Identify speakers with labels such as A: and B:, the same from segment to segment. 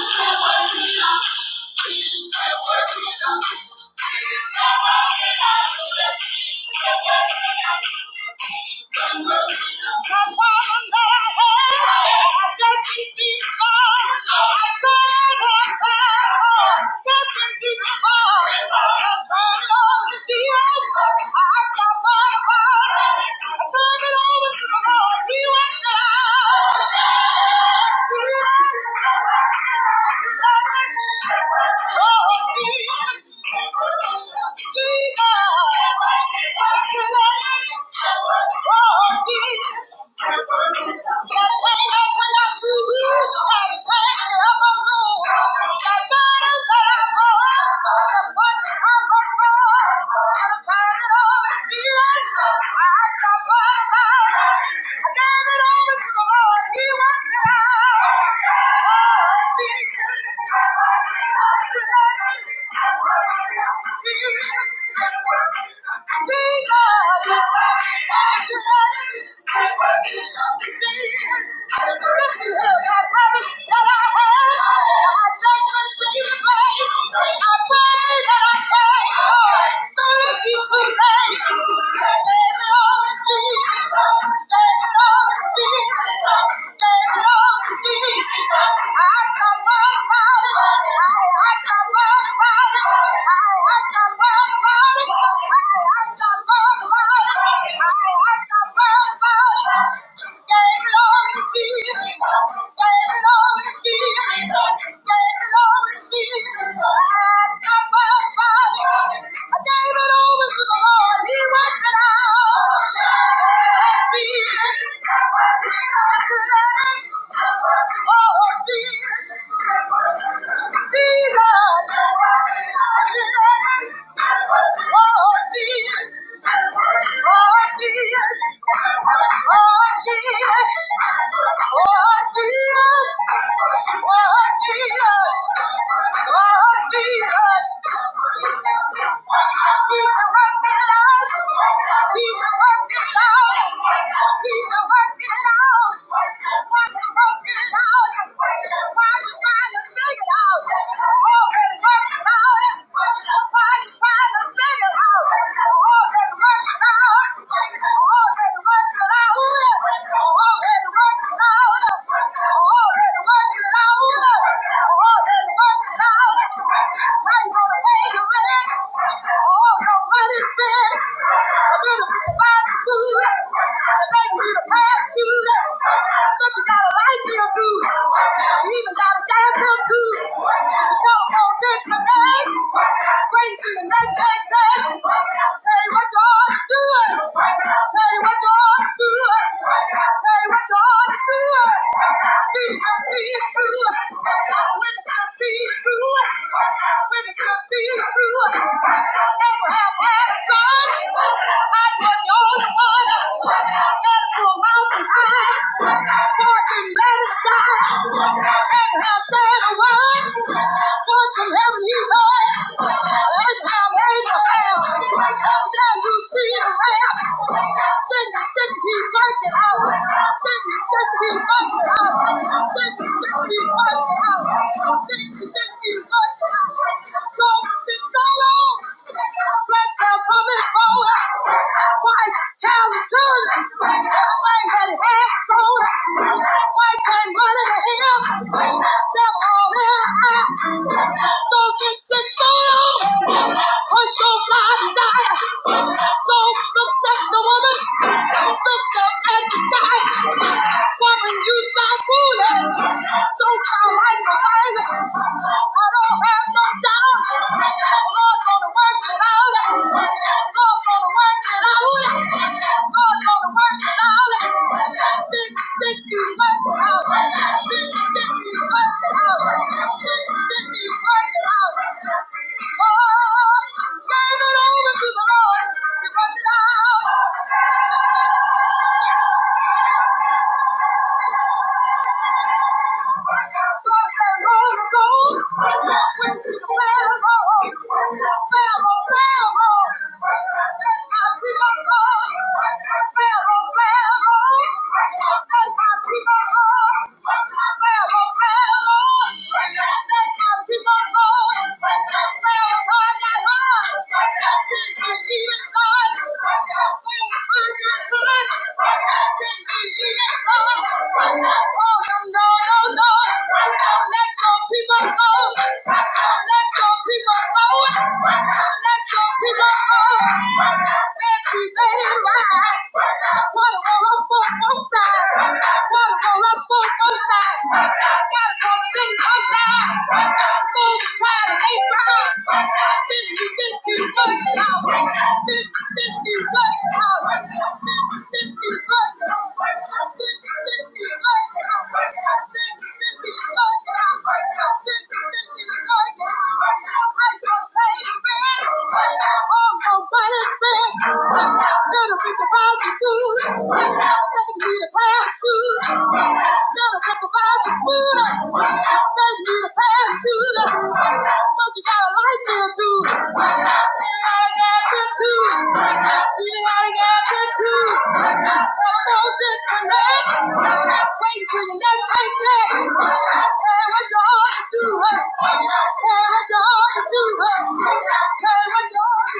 A: I I'm it all. I I'm that I pray. Thank you. for me. I gave it over to the Lord. Oh, Jesus. Oh, Thank you. Thank you. Push your blind eye. Don't look at the woman. Look up at the sky. Woman, you sound foolish. Don't sound like a man. I don't have no doubt. God's gonna work it out. God's gonna work it out. God's gonna work it out. Think, think you work it out. Think, think you work it out. Think, think you work it out. Oh, give it over to the Lord. You work it out. Pharaoh, Gotta go spin upside. So try of Abraham. Fifty, fifty, work out. Fifty, fifty, work out. Fifty, fifty, work out. Fifty, fifty, work out. Fifty, fifty, work out. Fifty, fifty, work out. I don't pay rent. Oh, no, but it's rent. Little bit of positive. Let me be the past. Waiting for your next paycheck. Tell what you ought to do. huh? Tell what you ought to do. huh? Tell what you ought to do. huh?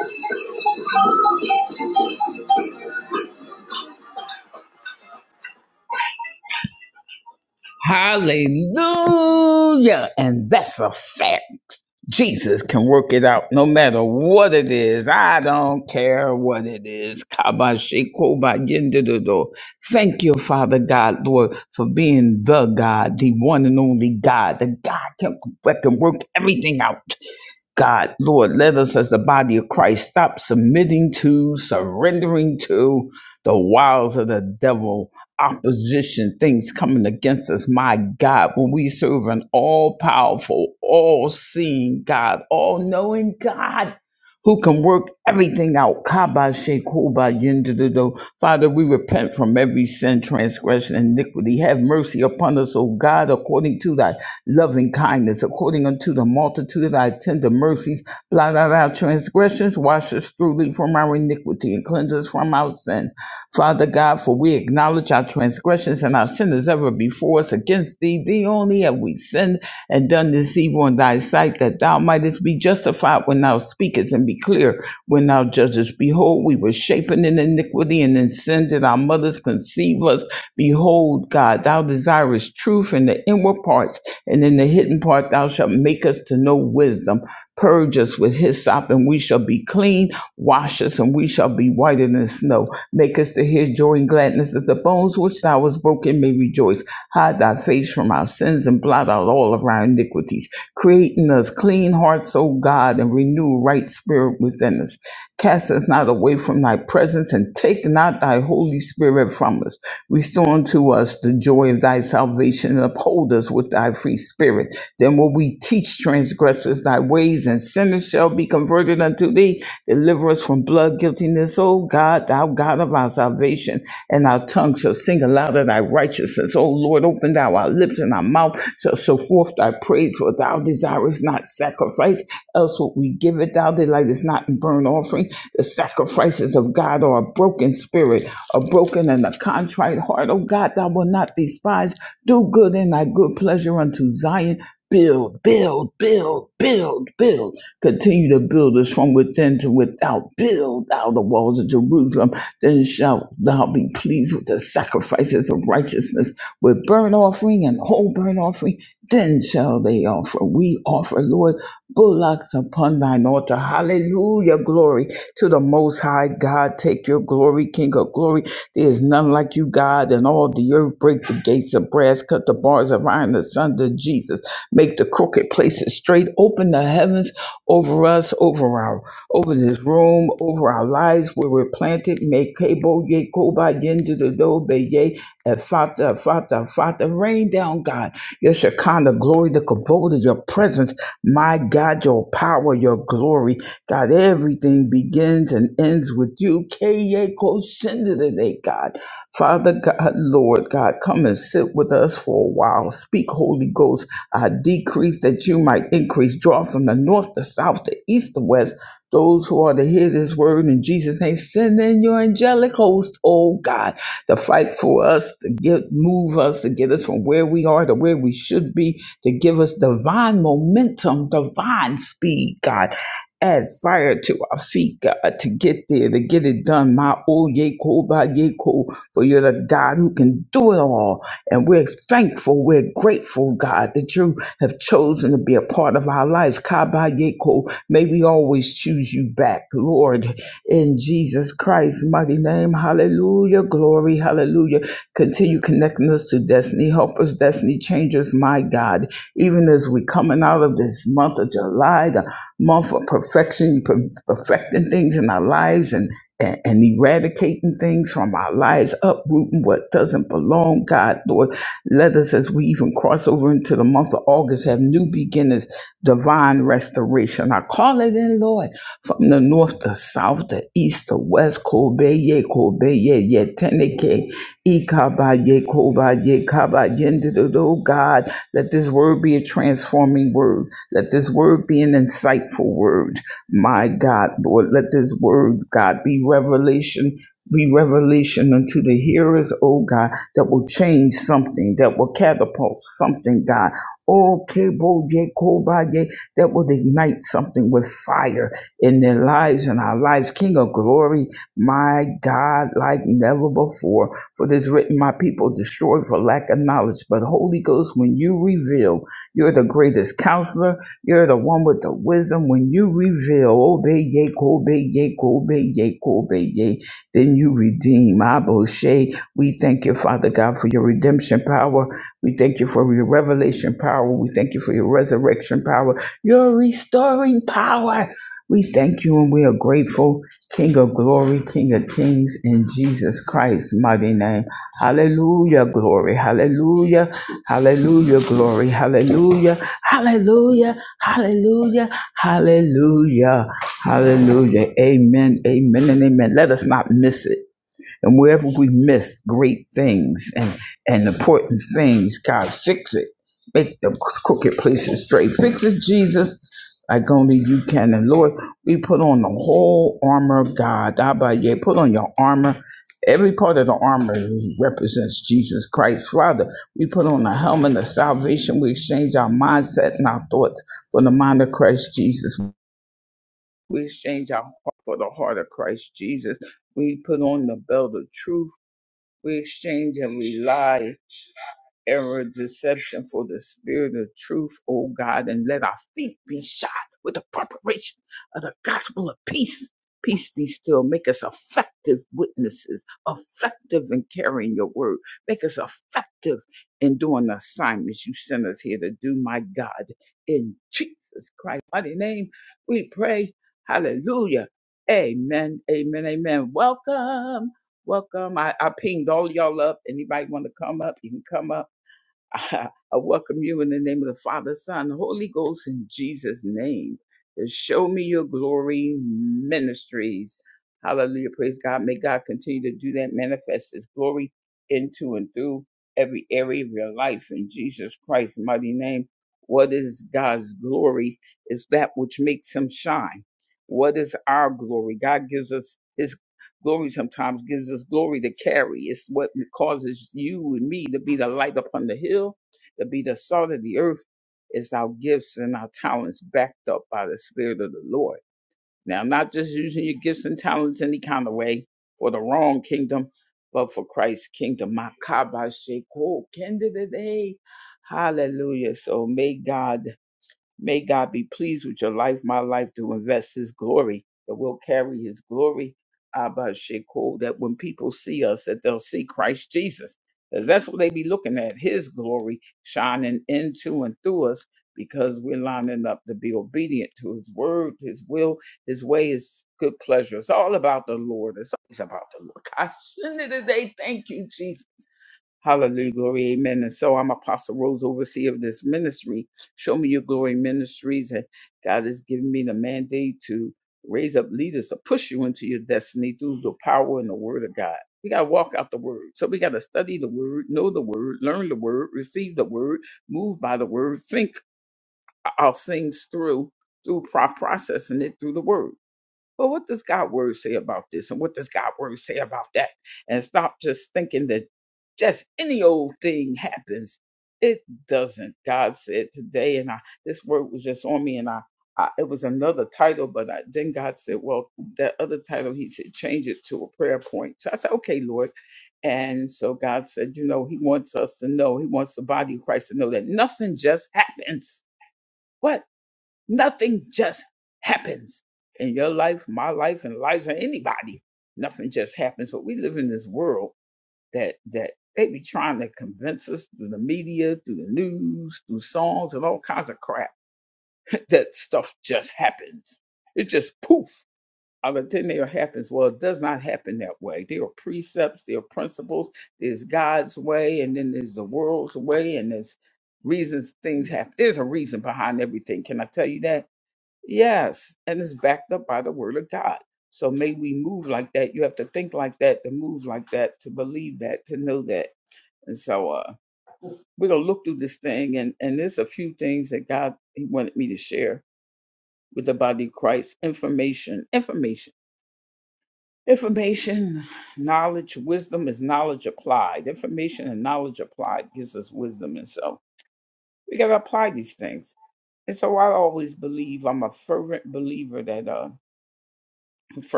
A: Thank you.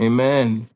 B: Amen.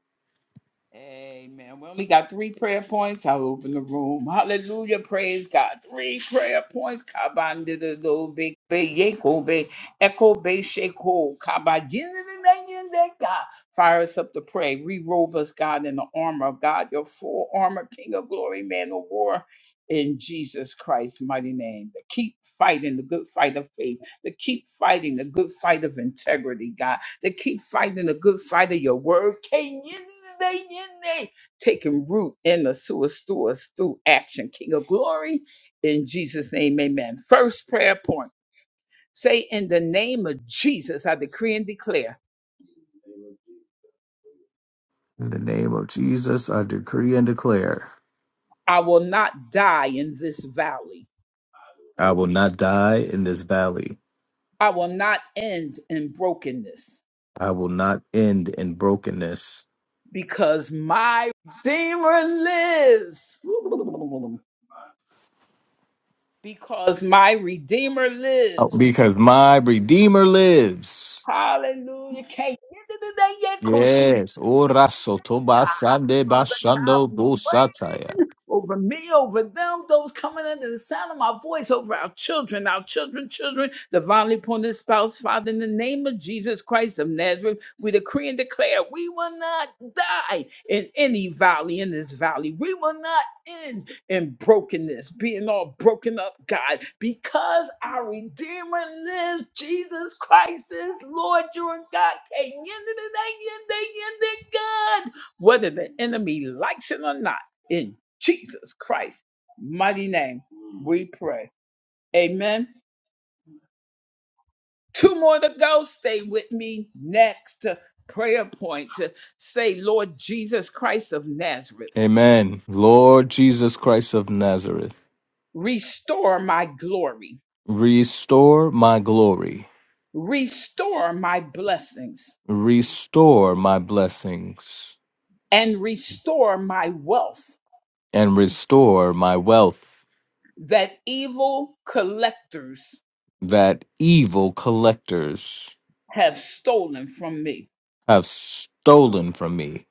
B: In the name of Jesus, I decree and declare I will not die in this valley. I will not end in brokenness. Oh, Because my Redeemer lives. Yes. Ora sotoba sande bashando busataya. Amen. Lord Jesus Christ of Nazareth, restore my glory, restore my blessings, and restore my wealth that evil collectors have stolen from me.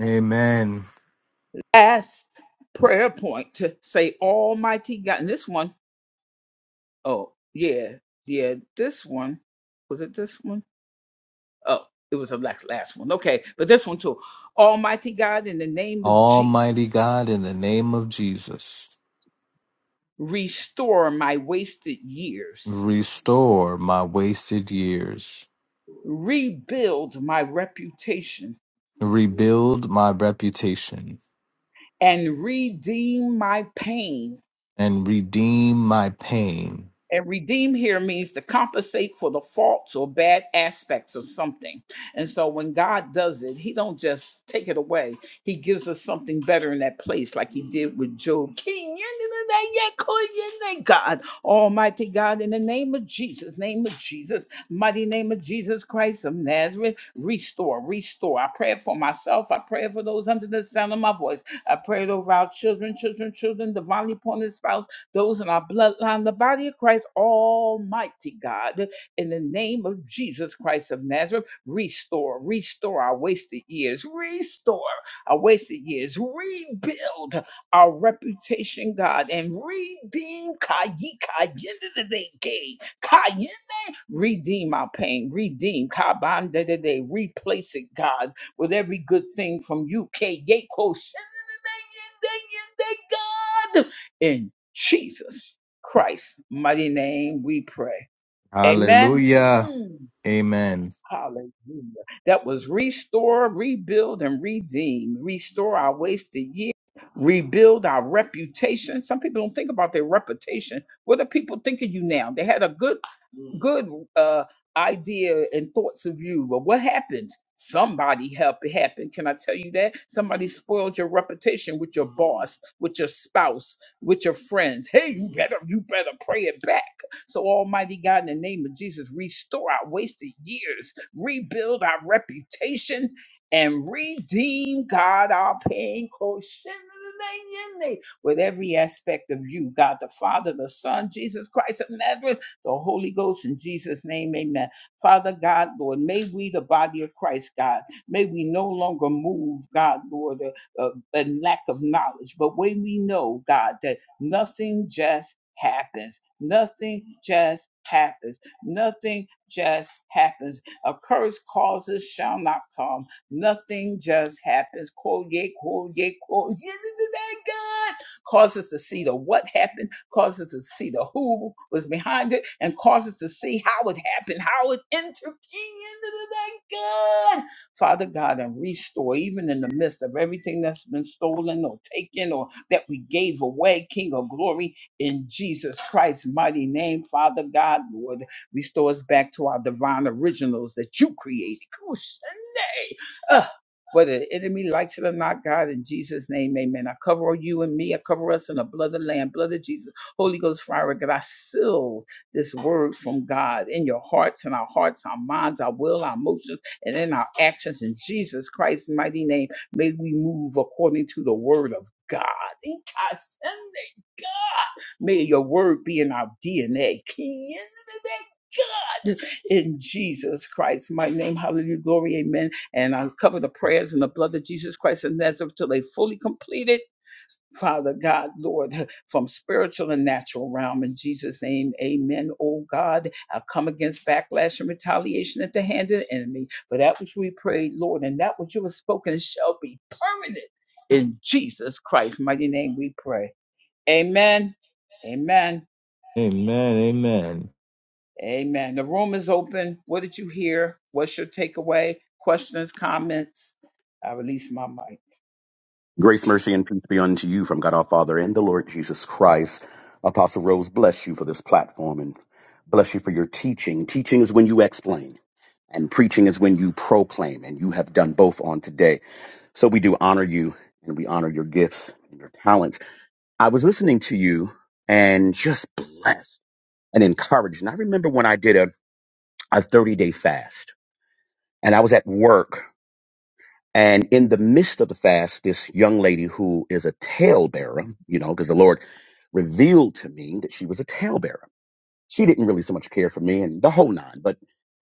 B: Amen. Almighty God, in the name of Jesus, restore my wasted years, rebuild my reputation, and redeem my pain. Hallelujah. Amen. Amen. Amen.
C: Grace, mercy, and peace be unto you from God our Father and the Lord Jesus Christ. Apostle Rose, bless you for this platform and bless you for your teaching. Teaching is when you explain, and preaching is when you proclaim, and you have done both on today. So we do honor you and we honor your gifts and your talents. I was listening to you and just blessed and encouraged. And I remember when I did a, a 30 day fast and I was at work And in the midst of the fast, this young lady who is a talebearer, you know, because the Lord revealed to me that she was a talebearer. She didn't really so much care for me and the whole nine. But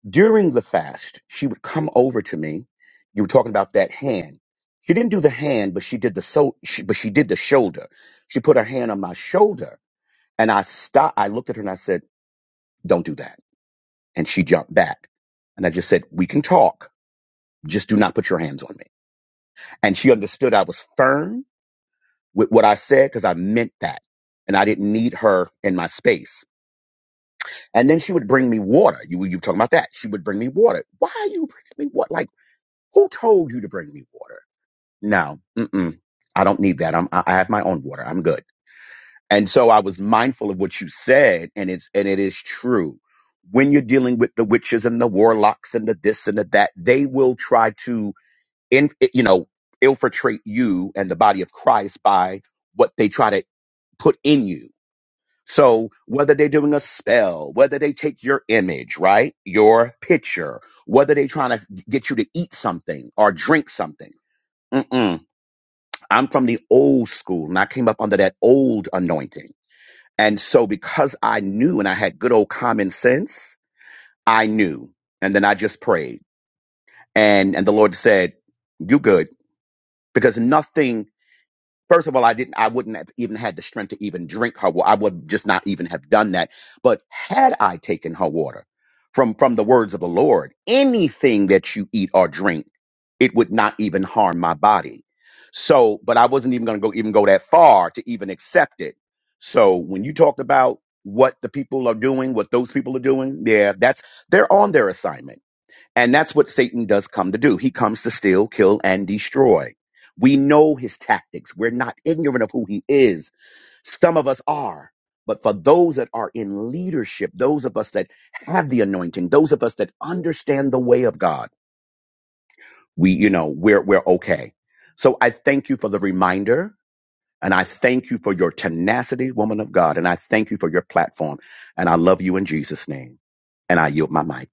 C: during the fast, she would come over to me. You were talking about that hand. She didn't do the hand, but she did the so, she, but she did the shoulder. She put her hand on my shoulder and I stopped. I looked at her and I said, don't do that. And she jumped back and I just said, we can talk. Just do not put your hands on me. And she understood I was firm with what I said because I meant that. And I didn't need her in my space. And then she would bring me water. You you talking about that? She would bring me water. Why are you bringing me water? Like who told you to bring me water? No, mm-mm, I don't need that. I'm I I have my own water. I'm good. And so I was mindful of what you said, and it's and it is true. When you're dealing with the witches and the warlocks and the this and the that, they will try to in you know infiltrate you and the body of Christ by what they try to put in you So whether they're doing a spell, whether they take your image, right? Your picture, whether they're trying to get you to eat something or drink something. Mm-mm. I'm from the old school and I came up under that old anointing. And so because I knew and I had good old common sense, I knew. And then I just prayed and, and the Lord said, you good because nothing First of all, I didn't, I wouldn't have even had the strength to even drink her water. I would just not even have done that. But had I taken her water from, from the words of the Lord, anything that you eat or drink, it would not even harm my body. So, but I wasn't even going to go, even go that far to even accept it. So when you talked about what the people are doing, what those people are doing, yeah, that's, they're on their assignment and that's what Satan does come to do. He comes to steal, kill, and destroy. We know his tactics. We're not ignorant of who he is. Some of us are. But for those that are in leadership, those of us that have the anointing, those of us that understand the way of God, we, you know, we're, we're okay. So I thank you for the reminder and I thank you for your tenacity, woman of God. And I thank you for your platform. And I love you in Jesus' name. And I yield my mic.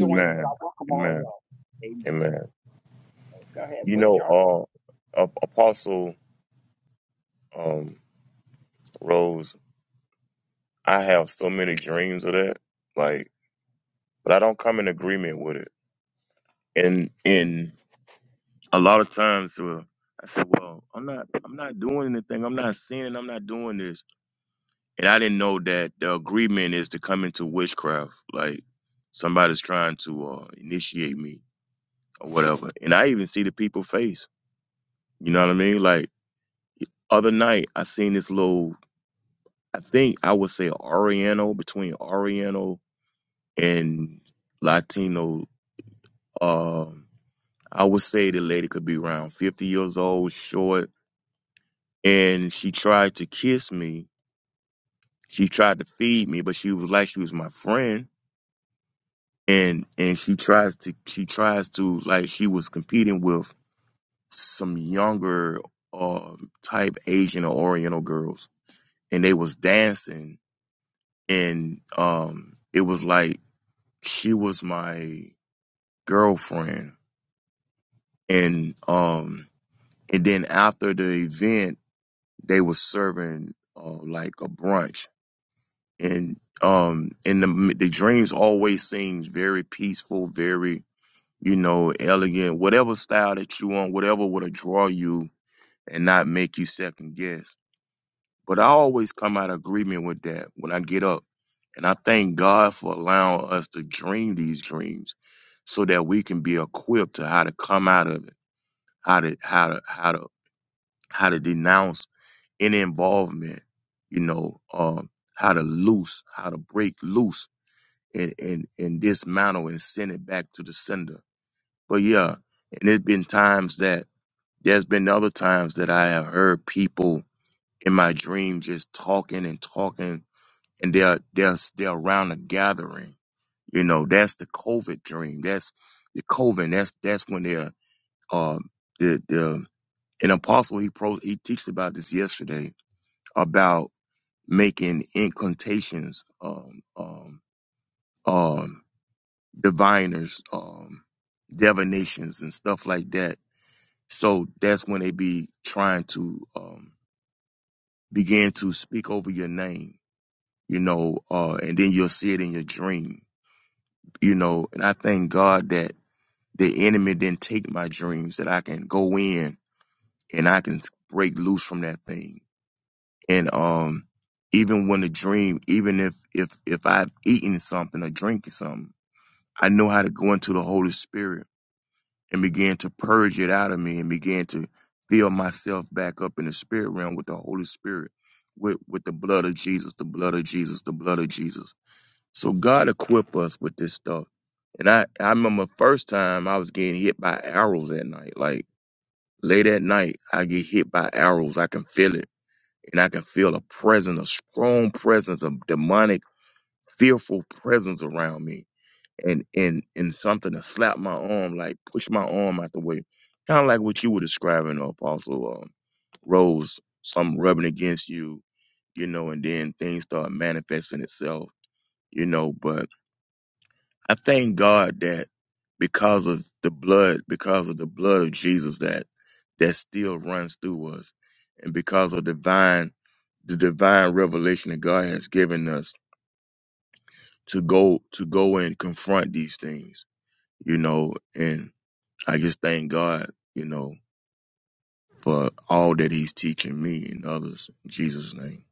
D: Amen. Amen. Amen. You know, uh, A- Apostle um, Rose, I have so many dreams of that, like, but I don't come in agreement with it. And and a lot of times, uh, I said, "Well, I'm not, I'm not doing anything. I'm not sinning. I'm not doing this." And I didn't know that the agreement is to come into witchcraft, like somebody's trying to uh, initiate me or whatever. And I even see the people face. You know what I mean? Like other night, I seen this little I think I would say Oriental between Oriental and Latino. Um, I would say the lady could be around 50 years old, short, and she tried to kiss me. She tried to feed me, but she was like she was my friend, and and she tries to she tries to like she was competing with some younger uh, type Asian or Oriental girls, and they was dancing, and um, it was like she was my girlfriend and um and then after the event they were serving uh, like a brunch and um and the the dreams always seems very peaceful very you know elegant whatever style that you want whatever would draw you and not make you second guess but i always come out of agreement with that when i get up and i thank god for allowing us to dream these dreams so that we can be equipped to how to come out of it how to how to how to how to denounce any involvement you know um how to loose how to break loose and and and dismantle and send it back to the sender but yeah and it's been times that there's been other times that i have heard people in my dream just talking and talking and they're they're they're around a gathering you know that's the covid dream that's the covid that's that's when they're um an apostle he pro he teaches about this yesterday about making incantations um um um diviners um divinations and stuff like that so that's when they be trying to um begin to speak over your name you know uh and then you'll see it in your dream you know and i thank god that the enemy didn't take my dreams that i can go in and i can break loose from that thing and um even when a dream even if if if i've eaten something or drinking something i know how to go into the holy spirit and begin to purge it out of me and begin to fill myself back up in the spirit realm with the holy spirit with with the blood of jesus the blood of jesus the blood of jesus so god equip us with this stuff and i i remember first time i was getting hit by arrows at night like late at night i get hit by arrows i can feel it and I can feel a presence, a strong presence, a demonic, fearful presence around me, and and and something to slap my arm, like push my arm out the way, kind of like what you were describing, uh, Apostle um, Rose. Something rubbing against you, you know, and then things start manifesting itself, you know. But I thank God that because of the blood, because of the blood of Jesus that that still runs through us, and because of divine the divine revelation that God has given us to go to go and confront these things, you know, and I just thank God, you know, for all that he's teaching me and others in Jesus name.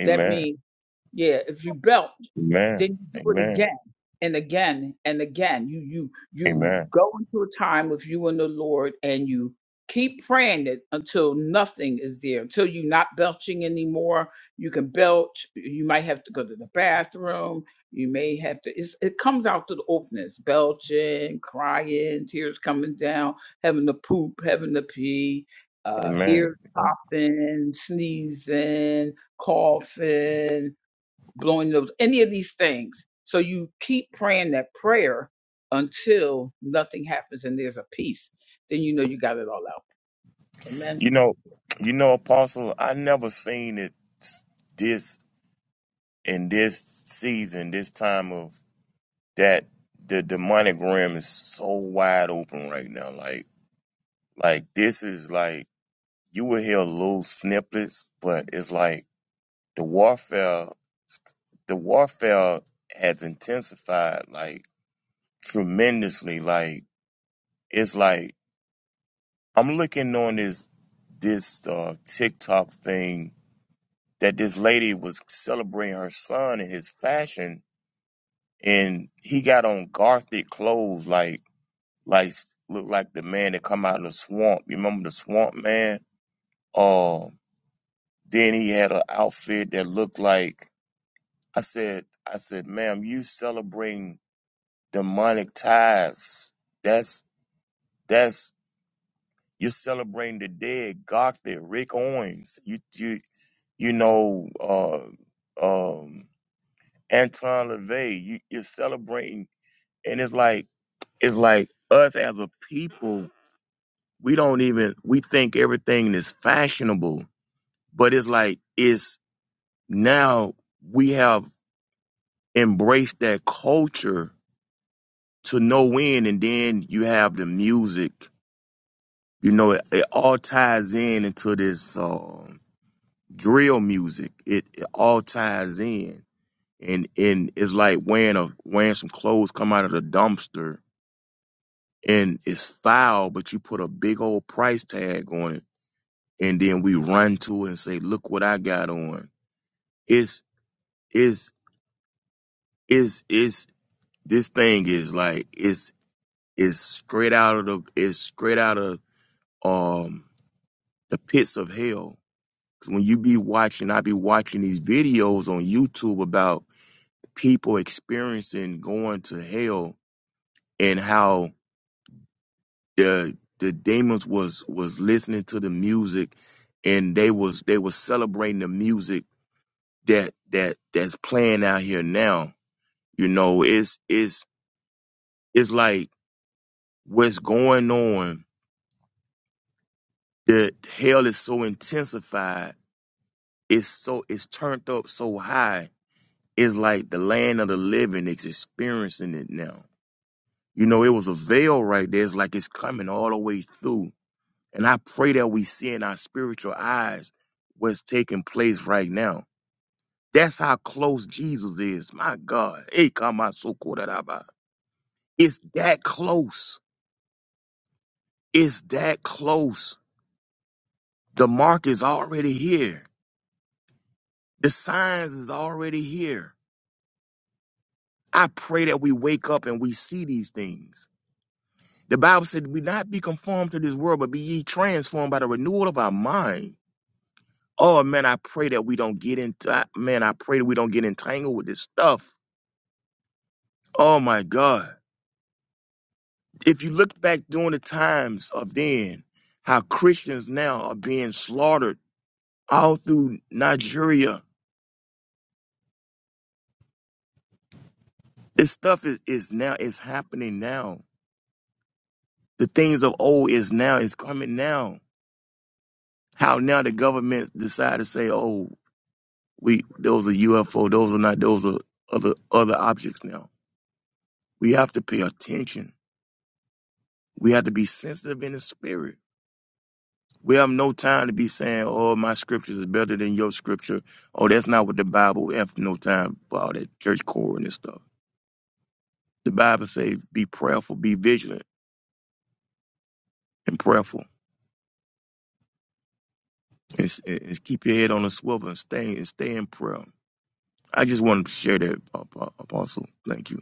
D: Amen. Amen. Amen. Amen. Amen. You know, you know, you know, Apostle, I never seen it s- this in this season, this time of that the demonic realm is so wide open right now. Like, like this is like you will hear little snippets, but it's like the warfare, the warfare has intensified like tremendously. Like, it's like I'm looking on this this uh, TikTok thing that this lady was celebrating her son and his fashion, and he got on gothic clothes like. like looked like the man that come out of the swamp. You remember the swamp man? Uh, then he had an outfit that looked like I said, I said, ma'am, you celebrating demonic ties. That's that's you're celebrating the dead, Gothic, Rick Owens. You you you know uh um Anton LaVey, you, you're celebrating and it's like it's like us as a people, we don't even we think everything is fashionable But it's like it's now we have embraced that culture to no end, and then you have the music. You know, it, it all ties in into this uh, drill music. It, it all ties in, and and it's like wearing a wearing some clothes come out of the dumpster, and it's foul, but you put a big old price tag on it, and then we run to it and say, "Look what I got on." It's it's is is This thing is like it's it's straight out of the it's straight out of um the pits of hell. 'Cause when you be watching, I be watching these videos on YouTube about people experiencing going to hell and how the the demons was was listening to the music and they was they was celebrating the music that that that's playing out here now. You know, it's it's it's like what's going on the hell is so intensified. It's so it's turned up so high. It's like the land of the living is experiencing it now. You know, it was a veil right there. It's like it's coming all the way through. And I pray that we see in our spiritual eyes what's taking place right now. That's how close Jesus is. My God. Hey, come on, so cool that It's that close. It's that close. The mark is already here. The signs is already here I pray that we wake up and we see these things. The Bible said, "We not be conformed to this world, but be ye transformed by the renewal of our mind." Oh man, I pray that we don't get into. I- Man, I pray that we don't get entangled with this stuff. Oh my God! If you look back during the times of then, how Christians now are being slaughtered all through Nigeria. This stuff is, is now is happening now. The things of old is now is coming now. How now the government decide to say, "Oh, We those are UFO. Those are not. Those are other other objects. Now we have to pay attention. We have to be sensitive in the spirit. We have no time to be saying, "Oh, my scriptures is better than your scripture." Oh, that's not what the Bible. We have no time for all that church core and this stuff. The Bible says, "Be prayerful, be vigilant, and prayerful, and, s- and- and keep your head on a swivel and stay and stay in prayer." I just wanted to share that, Ap- Ap- Apostle. Thank you.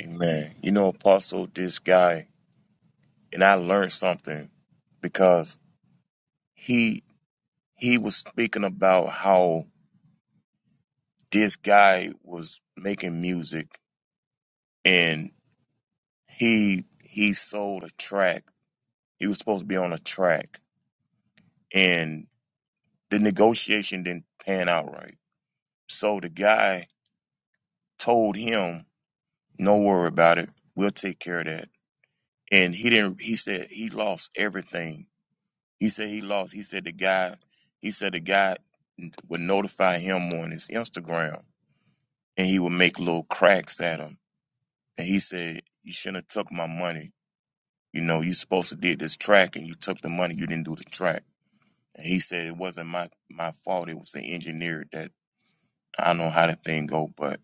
D: Amen. You know, Apostle, this guy. and I learned something because he he was speaking about how this guy was making music and he he sold a track. He was supposed to be on a track and the negotiation didn't pan out right. So the guy told him, "No worry about it. We'll take care of that." And he didn't he said he lost everything. He said he lost. He said the guy he said the guy would notify him on his Instagram and he would make little cracks at him. And he said, "You shouldn't have took my money. You know, you supposed to did this track, and you took the money. You didn't do the track." And he said, "It wasn't my my fault. It was the engineer that I don't know how the thing go." But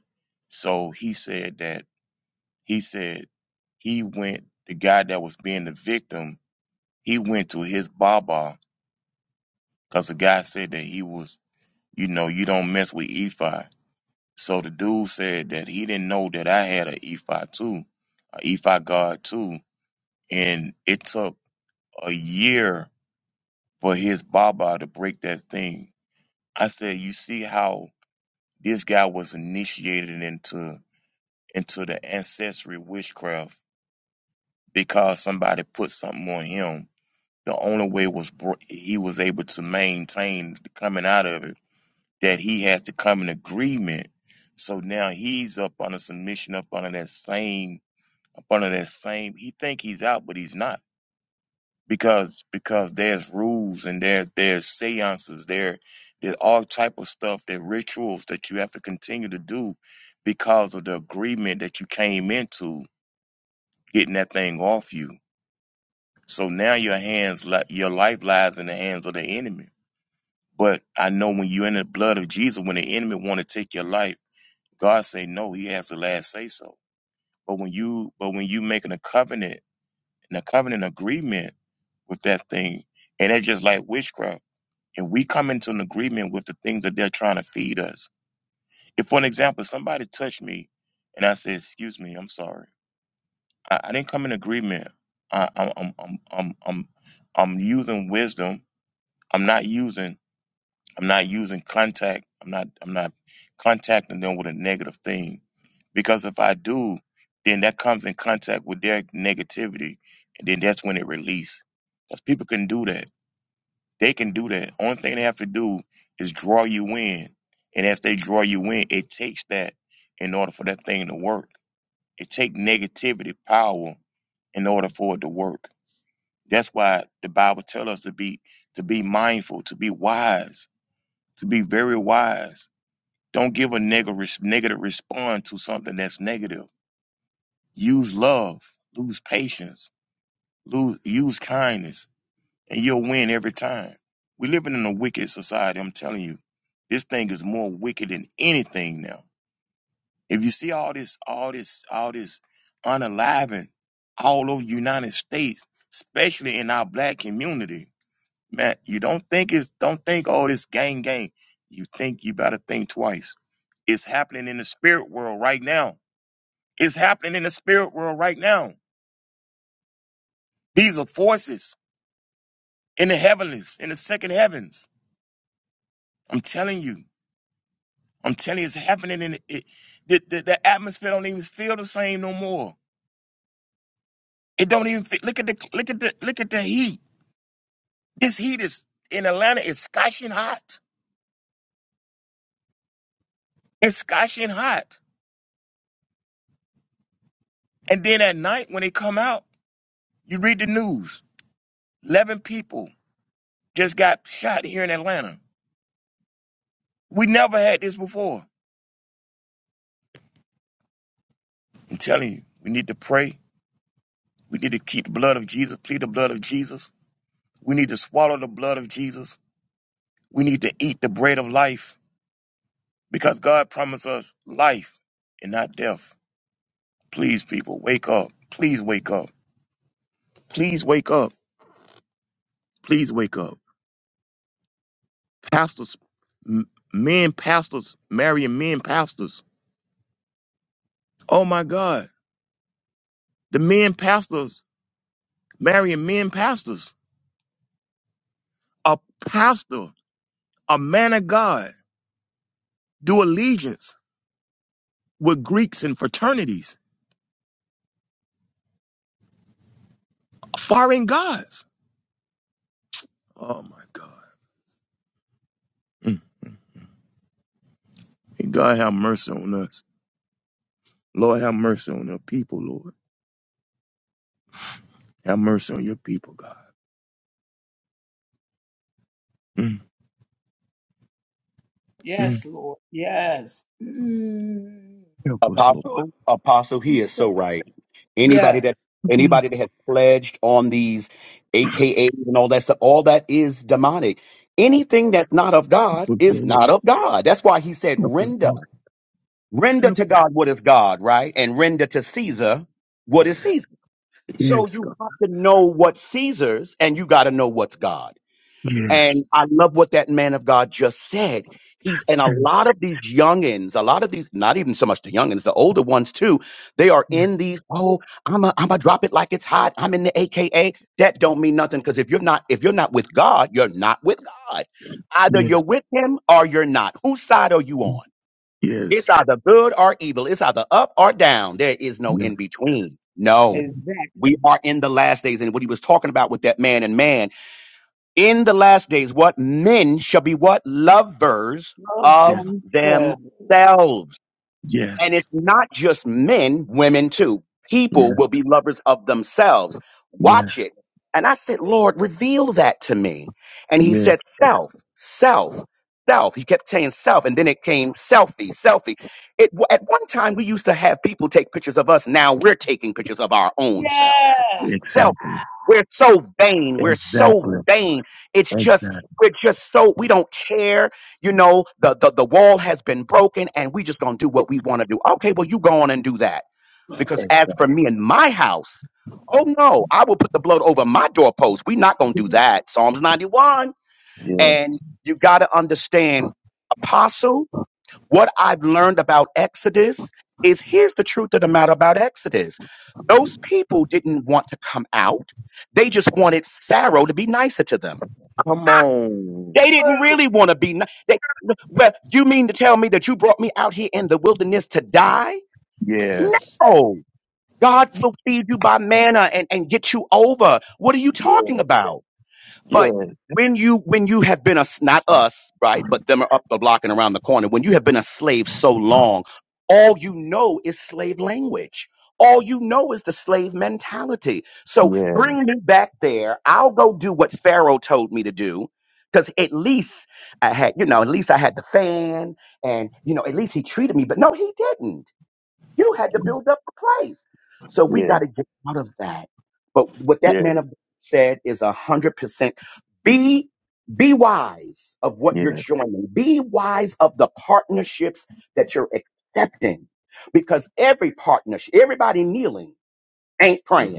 D: so he said that he said he went the guy that was being the victim. He went to his baba because the guy said that he was, you know, you don't mess with Ephi. So the dude said that he didn't know that I had an E5 too, an E5 guard too. And it took a year for his Baba to break that thing. I said, you see how this guy was initiated into into the ancestry witchcraft because somebody put something on him. The only way was bro- he was able to maintain coming out of it that he had to come in agreement. So now he's up under submission, up under that same Under that same, he think he's out, but he's not because because there's rules and there there's seances, there there's all type of stuff, there rituals that you have to continue to do because of the agreement that you came into getting that thing off you. So now your hands, li- your life lies in the hands of the enemy. But I know when you're in the blood of Jesus, when the enemy want to take your life, God say no, He has the last say so. But when you but when you making a covenant in a covenant agreement with that thing. And it's just like witchcraft. And we come into an agreement with the things that they're trying to feed us. If, for an example, somebody touched me and I said, Excuse me, I'm sorry. I, I didn't come in agreement. I, I'm, I'm, I'm, I'm, I'm, I'm using wisdom. I'm not using. I'm not using contact. I'm not I'm not contacting them with a negative thing. Because if I do, then that comes in contact with their negativity and then that's when it release. Because people can do that. They can do that. Only thing they have to do is draw you in. And as they draw you in, it takes that in order for that thing to work. It take negativity power in order for it to work. That's why the Bible tells us to be to be mindful, to be wise, to be very wise don't give a neg- res- negative response to something that's negative. Use love, lose patience, lose, use kindness, and you'll win every time. We're living in a wicked society. I'm telling you, this thing is more wicked than anything now. If you see all this, all this, all this unaliving all over the United States, especially in our black community, man, you don't think it's don't think oh this gang gang. You think you better think twice. It's happening in the spirit world right now. It's happening in the spirit world right now. These are forces in the heavenlies, in the second heavens. I'm telling you. I'm telling you, it's happening in the, it. The, the, the atmosphere don't even feel the same no more. It don't even feel, look at the look at the look at the heat. This heat is in Atlanta. It's scorching hot. It's scorching hot. And then at night when they come out, you read the news. 11 people just got shot here in Atlanta. We never had this before. I'm telling you, we need to pray. We need to keep the blood of Jesus, plead the blood of Jesus. We need to swallow the blood of Jesus. We need to eat the bread of life because God promised us life and not death. Please, people, wake up. Please wake up. Please wake up. Please wake up. Pastors, m- men pastors marrying men pastors. Oh my God. The men pastors marrying men pastors. a pastor, a man of God, do allegiance with Greeks and fraternities, foreign gods. Oh my God. Mm. May God have mercy on us. Lord, have mercy on your people, Lord. Have mercy on your people, God. Mm. Mm. Help us, Lord.
C: Apostle, Apostle, he is so right. Anybody that
D: Help us, Lord.
C: anybody that has pledged on these AKAs and all that stuff, all that is demonic. Anything that's not of
D: Help
C: God
D: us,
C: is
D: Lord.
C: not of God. That's why he said,
D: Help us,
C: render.
D: Lord.
C: Render
D: Help
C: to God
D: us.
C: what is God, right? And render to Caesar what is Caesar. So
D: Yes,
C: you
D: God.
C: have to know what's Caesar's and you got to know what's God.
D: Yes.
C: And I love what that man of God just said. He's and a lot of these youngins, a lot of these, not even so much the youngins, the older ones too, they are
D: Yes.
C: in these, oh, I'm a I'm a drop it like it's hot. I'm in the AKA. That don't mean nothing. Cause if you're not, if you're not with God, you're not with God. Either
D: Yes.
C: you're with him or you're not. Whose side are you on? It's
D: Yes. Yes.
C: either good or evil. It's either up or down. There is no
D: Yes.
C: in between. No. We are in the last days. And what he was talking about with that man and man in the last days what men shall be what lovers of themselves
D: Yes.
C: and it's not just men, women too. People
D: Yes.
C: will be lovers of themselves.
D: Yes.
C: Watch it. And I said, Lord, reveal that to me. And he
D: Yes.
C: said, self, self, self. He kept saying self. And then it came selfie, selfie. It, at one time, we used to have people take pictures of us. Now we're taking pictures of our own selves. Selfie.
D: Exactly.
C: We're so vain. We're so
D: Exactly.
C: vain. It's just,
D: Exactly.
C: we're just so, we don't care you know, the, the, the wall has been broken and we just gonna do what we wanna do. Okay, well, you go on and do that. Because as
D: Exactly.
C: for me and my house, oh no, I will put the blood over my doorpost. we are not gonna do that. Psalms 91.
D: Yeah.
C: And you gotta understand, apostle, what I've learned about Exodus is here's the truth of the matter about Exodus. Those people didn't want to come out. They just wanted Pharaoh to be nicer to them.
D: Come on.
C: They didn't really want to be. no- They, well, you mean to tell me that you brought me out here in the wilderness to die?
D: Yes.
C: No. God will feed you by manna and, and get you over. What are you
D: Yeah.
C: talking about? But
D: Yeah.
C: when you when you have been a s- not us right, but them are up the block and around the corner. When you have been a slave so long, all you know is slave language. All you know is the slave mentality. So
D: Yeah.
C: bring me back there. I'll go do what Pharaoh told me to do. Because at least I had, you know, at least I had the fan and, you know, at least he treated me. But no, he didn't. You had to build up a place. So we
D: Yeah.
C: got to get out of that. But what that
D: Yeah.
C: man of God said is a hundred percent. Be be wise of what you're
D: Yeah.
C: joining. Be wise of the partnerships that you're accepting, because every partnership, everybody kneeling ain't
D: yeah.
C: praying.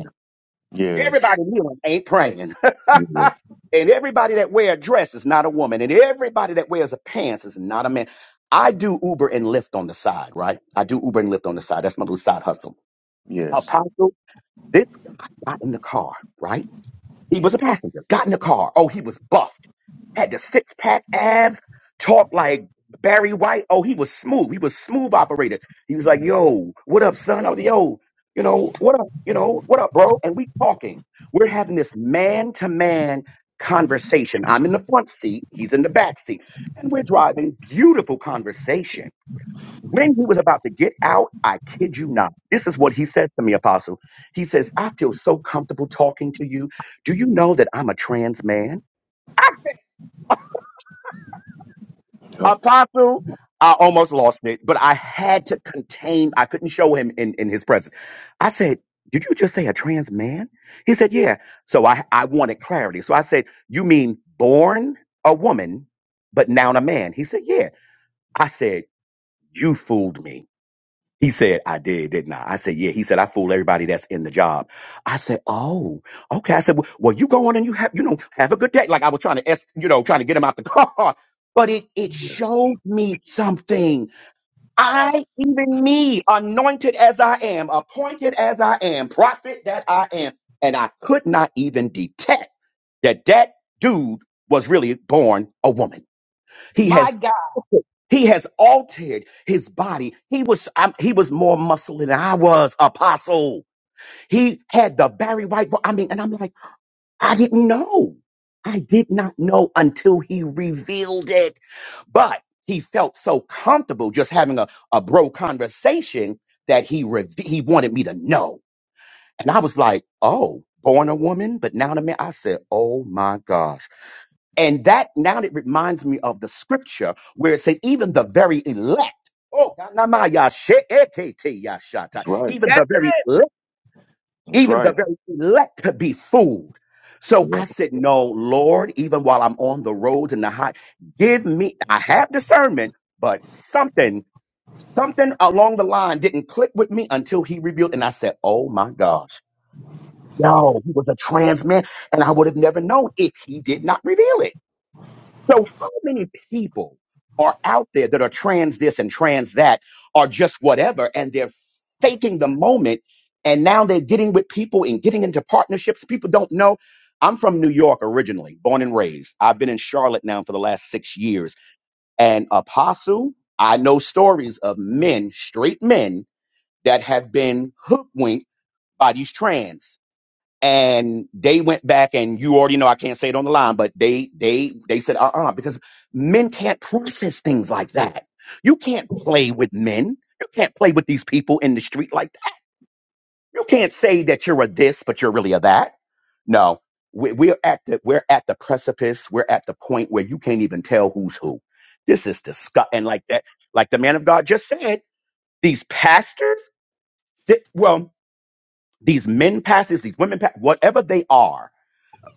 D: Yes.
C: Everybody in here ain't praying.
D: Yeah.
C: and everybody that wear a dress is not a woman. And everybody that wears a pants is not a man. I do Uber and Lyft on the side, right? I do Uber and Lyft on the side. That's my little side hustle.
D: Yes.
C: Apostle, this guy got in the car, right? He was a passenger. Got in the car. Oh, he was buffed. Had the six pack abs. Talked like Barry White. Oh, he was smooth. He was smooth operator. He was like, "Yo, what up, son?" I was, like, "Yo, you know what up? You know what up, bro?" And we talking. We're having this man to man conversation. I'm in the front seat. He's in the back seat, and we're driving. Beautiful conversation when he was about to get out, I kid you not. This is what he said to me, Apostle. He says, I feel so comfortable talking to you. Do you know that I'm a trans man? I said,
D: Yeah.
C: Apostle, I almost lost it, but I had to contain, I couldn't show him in, in his presence. I said, Did you just say a trans man? He said, Yeah. So I, I wanted clarity. So I said, You mean born a woman, but now a man? He said, Yeah. I said, You fooled me. He said, I did, didn't I? I said, yeah. He said, I fool everybody that's in the job. I said, oh, okay. I said, well, well, you go on and you have, you know, have a good day. Like I was trying to, es- you know, trying to get him out the car. But it, it showed me something. I, even me, anointed as I am, appointed as I am, prophet that I am. And I could not even detect that that dude was really born a woman. He has he has altered his body. He was I'm, he was more muscle than I was, apostle. He had the Barry White. vo- I mean, and I'm like, I didn't know. I did not know until he revealed it. But he felt so comfortable just having a, a bro conversation that he reve- he wanted me to know. And I was like, oh, born a woman, but now a man. I said, oh my gosh. And that now it reminds me of the scripture where it says, even the very elect, oh, kanamaya she'ekete yashata,
D: That's right.
C: even the very elect,
D: That's
C: even the
D: right.
C: very elect could be fooled. So
D: Yeah.
C: I said, No, Lord, even while I'm on the roads and the high, give me, I have discernment, but something, something along the line didn't click with me until he revealed. And I said, Oh my gosh, yo, he was a trans man. And I would have never known if he did not reveal it. So, so many people are out there that are trans this and trans that, are just whatever, and they're faking the moment. And now they're getting with people and getting into partnerships. People don't know. I'm from New York originally, born and raised. I've been in Charlotte now for the last six years. And Apostle, I know stories of men, straight men, that have been hoodwinked by these trans and they went back and you already know I can't say it on the line, but they they they said uh-uh because men can't process things like that. You can't play with men. You can't play with these people in the street like that. You can't say that you're a this, but you're really a that. No, we, we're at the we're at the precipice. We're at the point where you can't even tell who's who. This is disgusting. And like that, like the man of God just said, these pastors, th- well, these men pastors, these women, pa- whatever they are,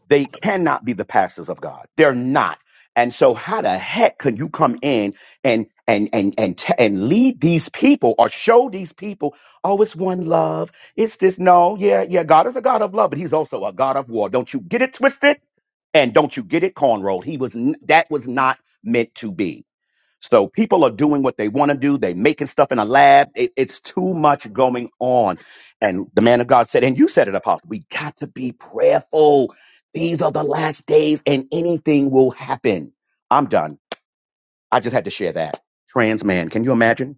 C: they cannot be the pastors of God. They're not. And so how the heck can you come in and and and and t- and lead these people or show these people, oh, it's one love. It's this no, yeah, yeah. God is a God of love, but he's also a God of war. Don't you get it twisted? And don't you get it cornrowed? He was n- that was not meant to be. So people are doing what they want to do. They making stuff in a lab. It- it's too much going on. And the man of God said, and you said it, Apostle, we got to be prayerful. These are the last days and anything will happen. I'm done. I just had to share that. Trans man. Can you imagine?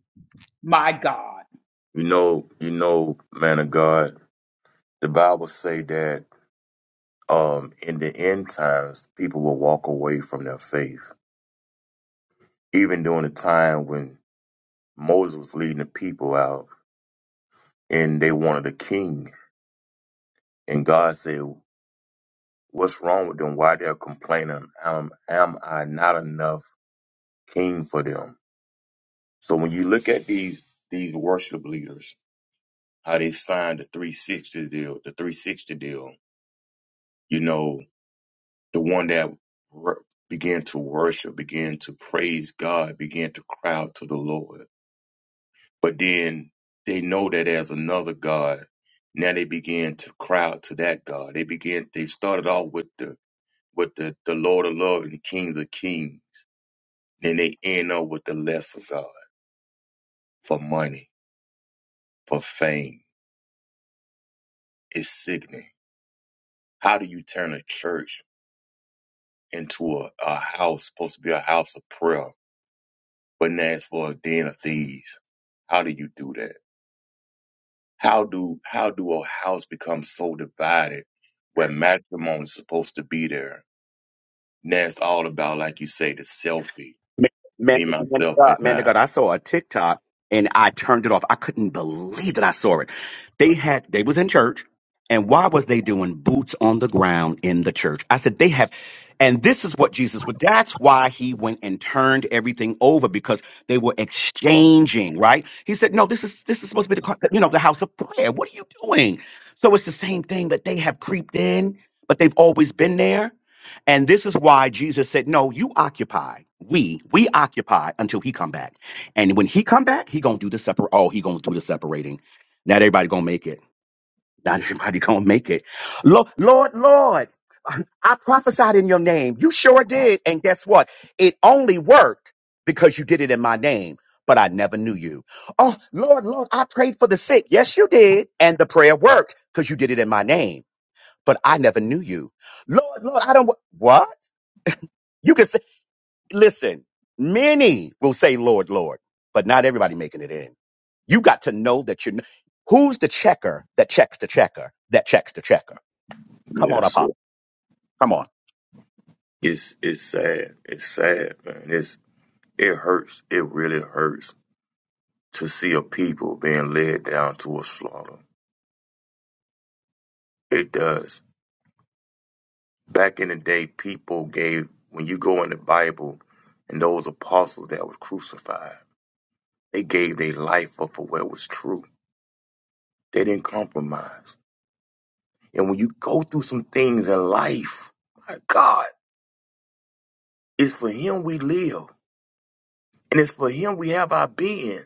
D: You know, you know, man of God, the Bible say that um in the end times people will walk away from their faith. Even during the time when Moses was leading the people out and they wanted a king. And God said, What's wrong with them? Why they're complaining? Um, am I not enough king for them? So when you look at these these worship leaders, how they signed the 360 deal, the 360 deal, you know, the one that wor- began to worship, began to praise God, began to cry out to the Lord. But then they know that there's another God. Now they began to cry out to that God. They began. They started off with the with the, the Lord of Love and the Kings of Kings Then they end up with the lesser God for money, for fame. It's sickening. How do you turn a church into a, a house supposed to be a house of prayer, but now it's for a den of thieves? How do you do that? How do how do a house become so divided where matrimony is supposed to be there? Now it's all about, like you say, the selfie.
C: Man, man,
D: Me,
C: man, to
D: myself, and
C: God, man to
D: I.
C: God, I saw a TikTok and I turned it off. I couldn't believe that I saw it. They had they was in church, and why was they doing boots on the ground in the church? I said they have, and this is what Jesus But That's why he went and turned everything over because they were exchanging. Right? He said, "No, this is this is supposed to be the co- you know the house of prayer. What are you doing?" So it's the same thing that they have creeped in, but they've always been there and this is why Jesus said, "No, you occupy. We we occupy until he come back. And when he come back, he gonna do the separate. Oh, he gonna do the separating. Not everybody gonna make it. Not everybody gonna make it. Lord, Lord, Lord, I prophesied in your name. You sure did. And guess what? It only worked because you did it in my name." But I never knew you. Oh, Lord, Lord, I prayed for the sick. Yes, you did. And the prayer worked because you did it in my name. But I never knew you. Lord, Lord, I don't. What? You can say, listen, many will say, Lord, Lord, but not everybody making it in. You got to know that you are who's the checker that checks the checker that checks the checker. Come on,
D: Yes.
C: Apostle. Come on.
D: It's it's sad. It's sad, man. It's it hurts. It really hurts to see a people being led down to a slaughter. It does. Back in the day, people gave, when you go in the Bible and those apostles that were crucified, they gave their life up for what was true. They didn't compromise. And when you go through some things in life, my God, it's for Him we live and it's for Him we have our being.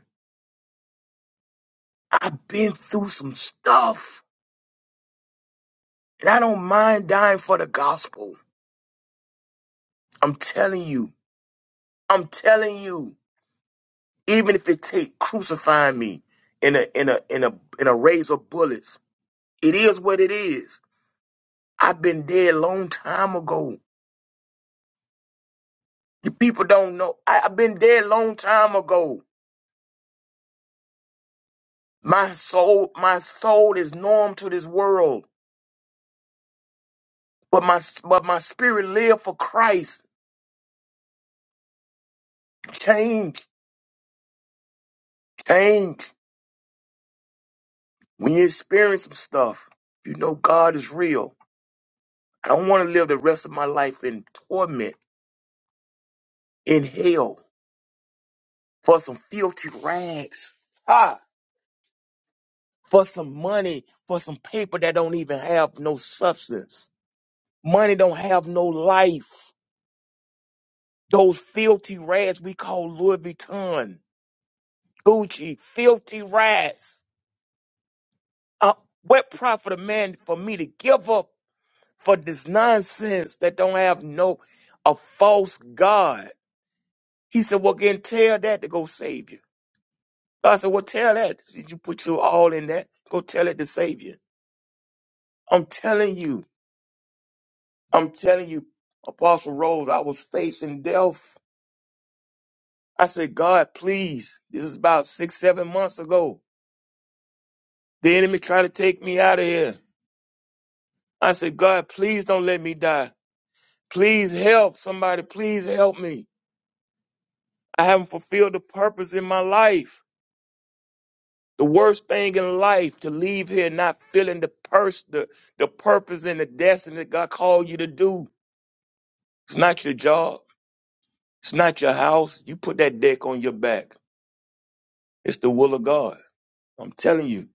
D: I've been through some stuff and I don't mind dying for the gospel. I'm telling you. I'm telling you. even if it take crucifying me in a in a in a in a razor bullets. It is what it is. I've been dead long time ago. You people don't know. I, I've been dead long time ago. My soul, my soul is norm to this world, but my but my spirit live for Christ. Change, change. When you experience some stuff, you know God is real. I don't want to live the rest of my life in torment, in hell, for some filthy rags. Ha! for some money, for some paper that don't even have no substance. Money don't have no life. Those filthy rats we call Louis Vuitton, Gucci, filthy rats. Uh, what profit a man for me to give up for this nonsense that don't have no a false God? He said, Well, again, tell that to go save you. I said, Well, tell that. Did you put your all in that? Go tell it to save you. I'm telling you, I'm telling you, Apostle Rose, I was facing death. I said, God, please. This is about six, seven months ago. The enemy tried to take me out of here. I said, God, please don't let me die. Please help somebody. Please help me. I haven't fulfilled the purpose in my life. The worst thing in life to leave here not feeling the purse, the, the purpose and the destiny that God called you to do. It's not your job. It's not your house. You put that deck on your back. It's the will of God. I'm telling you.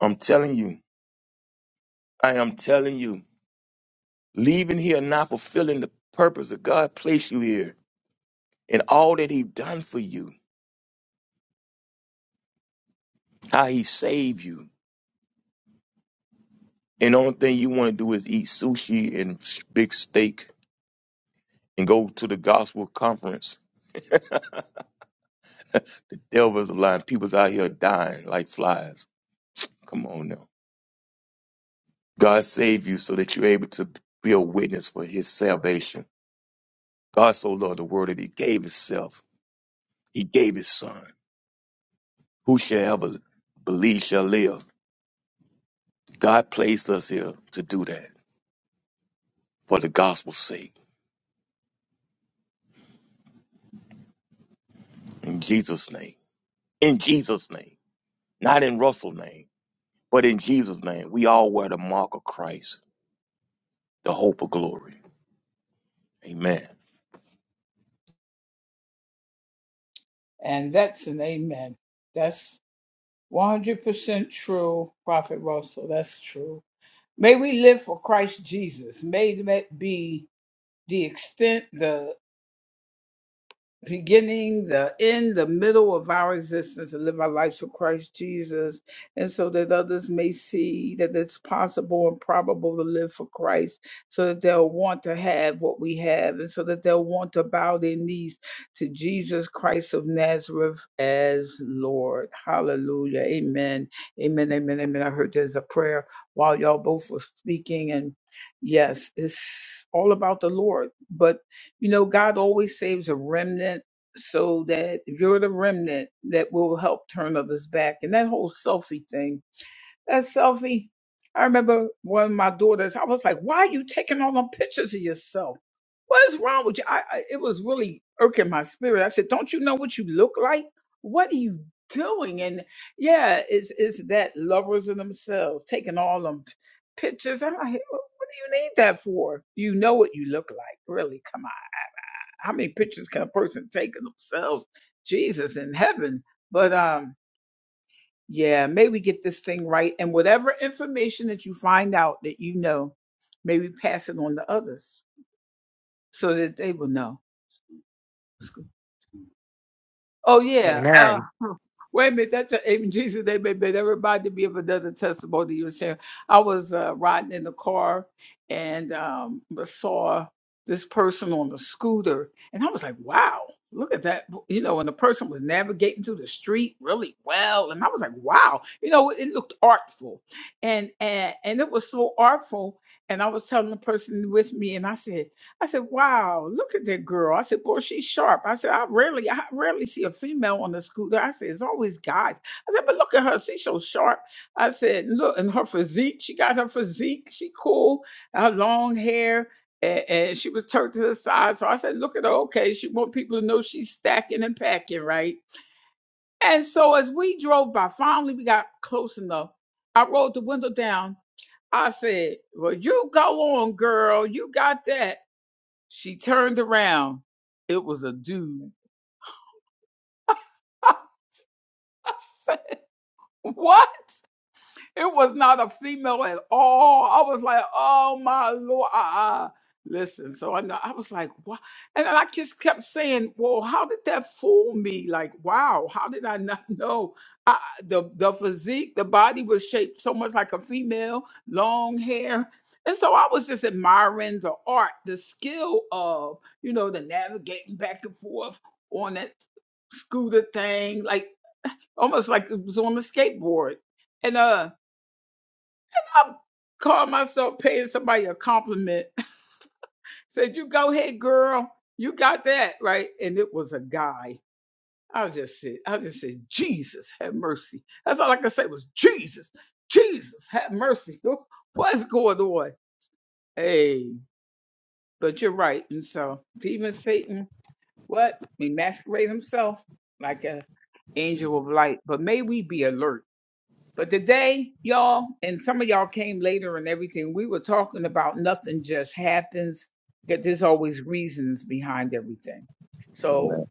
D: I'm telling you. I am telling you. Leaving here not fulfilling the purpose that God placed you here and all that He done for you, how He saved you. And the only thing you want to do is eat sushi and s- big steak and go to the gospel conference. Devils lying. People's out here dying like flies. Come on now. God saved you so that you're able to be a witness for His salvation. God so loved the world that He gave Himself. He gave His Son. Whosoever believes shall live. God placed us here to do that for the gospel's sake. In Jesus' name. In Jesus' name. Not in Russell's name, but in Jesus' name. We all wear the mark of Christ, the hope of glory. Amen.
B: Amen.
D: Amen.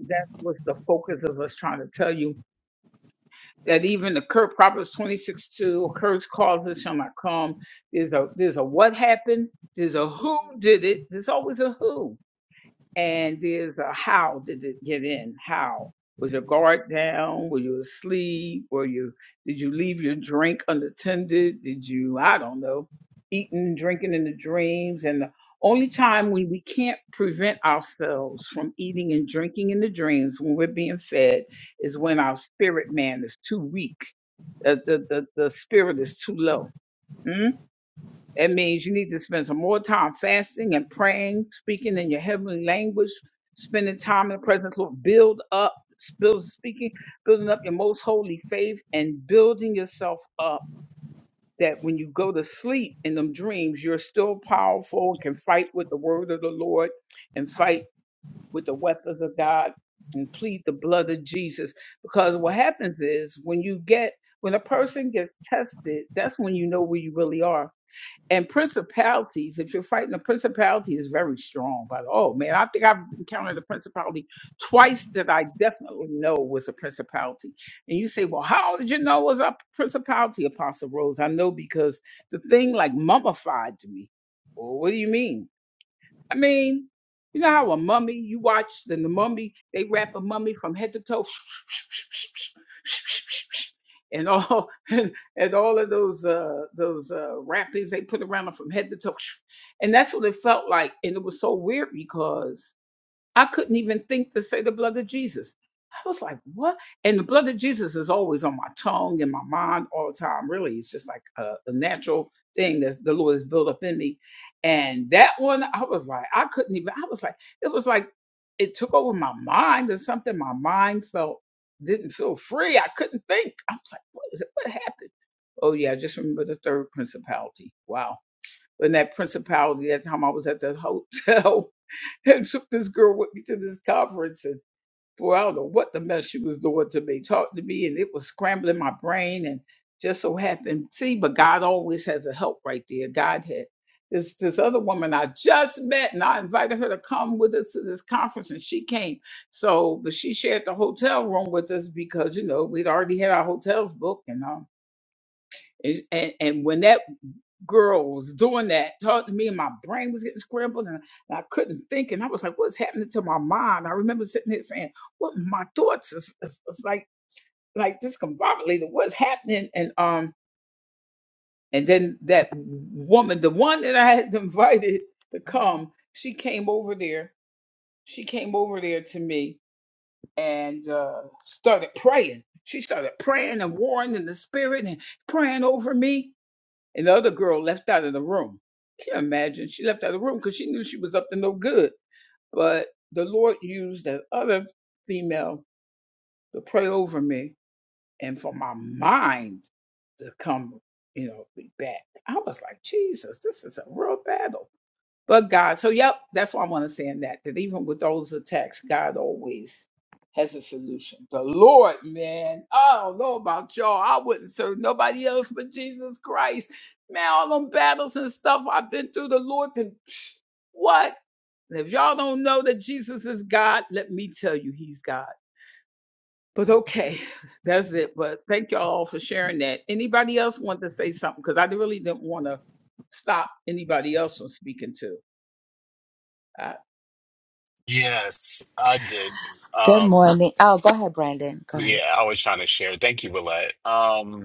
B: Yes, I did.
E: Good
B: Um,
E: morning. Oh, go ahead, Brandon. Go ahead.
B: yeah, I was trying to share. Thank you, Willette. Um,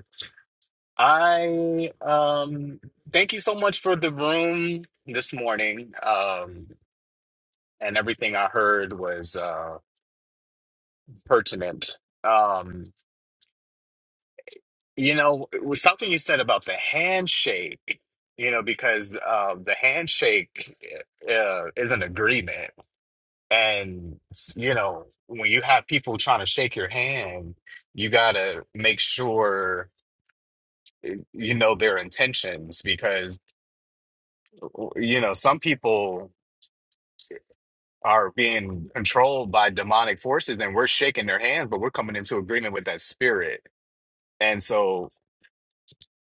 B: I um thank you so much for the room this morning. Um and everything I heard was uh pertinent. Um you know, it was something you said about the handshake, you know, because uh, the handshake eh, uh, is an agreement. And you know, when you have people trying to shake your hand, you got to make sure you know their intentions because you know, some people are being controlled by demonic forces and we're shaking their hands, but we're coming into agreement with that spirit. And so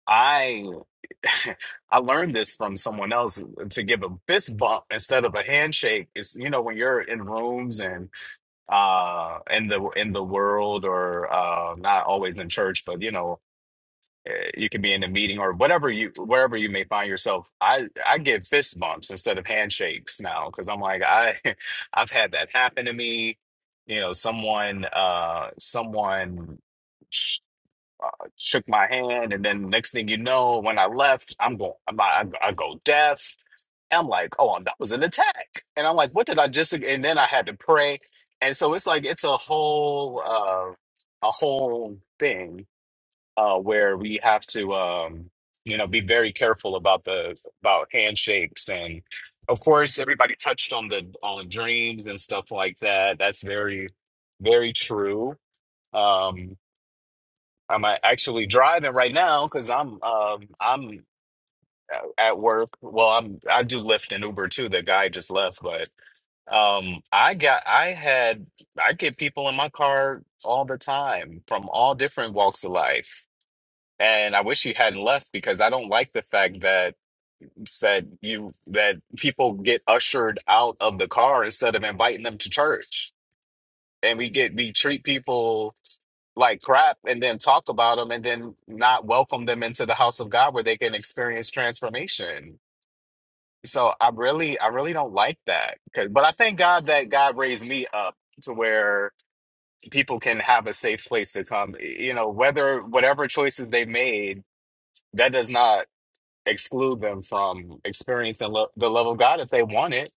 B: I I learned this from someone else to give a fist bump instead of a handshake. It's you know when you're in rooms and uh in the in the world or uh not always in church, but you know uh, you can be in a meeting or whatever you wherever you may find yourself i i give fist bumps instead of handshakes now because i'm like i i've had that happen to me you know someone uh someone sh uh, shook my hand and then next thing you know when i left i'm going i'm, I, I go deaf i'm like oh that was an attack and i'm like what did i just and then i had to pray and so it's like it's a whole uh a whole thing uh, where we have to, um, you know, be very careful about the about handshakes and, of course, everybody touched on the on dreams and stuff like that. That's very, very true. Um, I'm uh, actually driving right now because I'm um, I'm uh, at work. Well, I'm I do Lyft and Uber too. The guy just left, but um, I got I had I get people in my car all the time from all different walks of life and I wish you hadn't left because I don't like the fact that said you that people get ushered out of the car instead of inviting them to church. And we get we treat people like crap and then talk about them and then not welcome them into the house of God where they can experience transformation. So I really I really don't like that. 'Cause- But I thank God that God raised me up to where people can have a safe place to come. You know, whether whatever choices they made that does not exclude them from experiencing lo the love of God if they want it.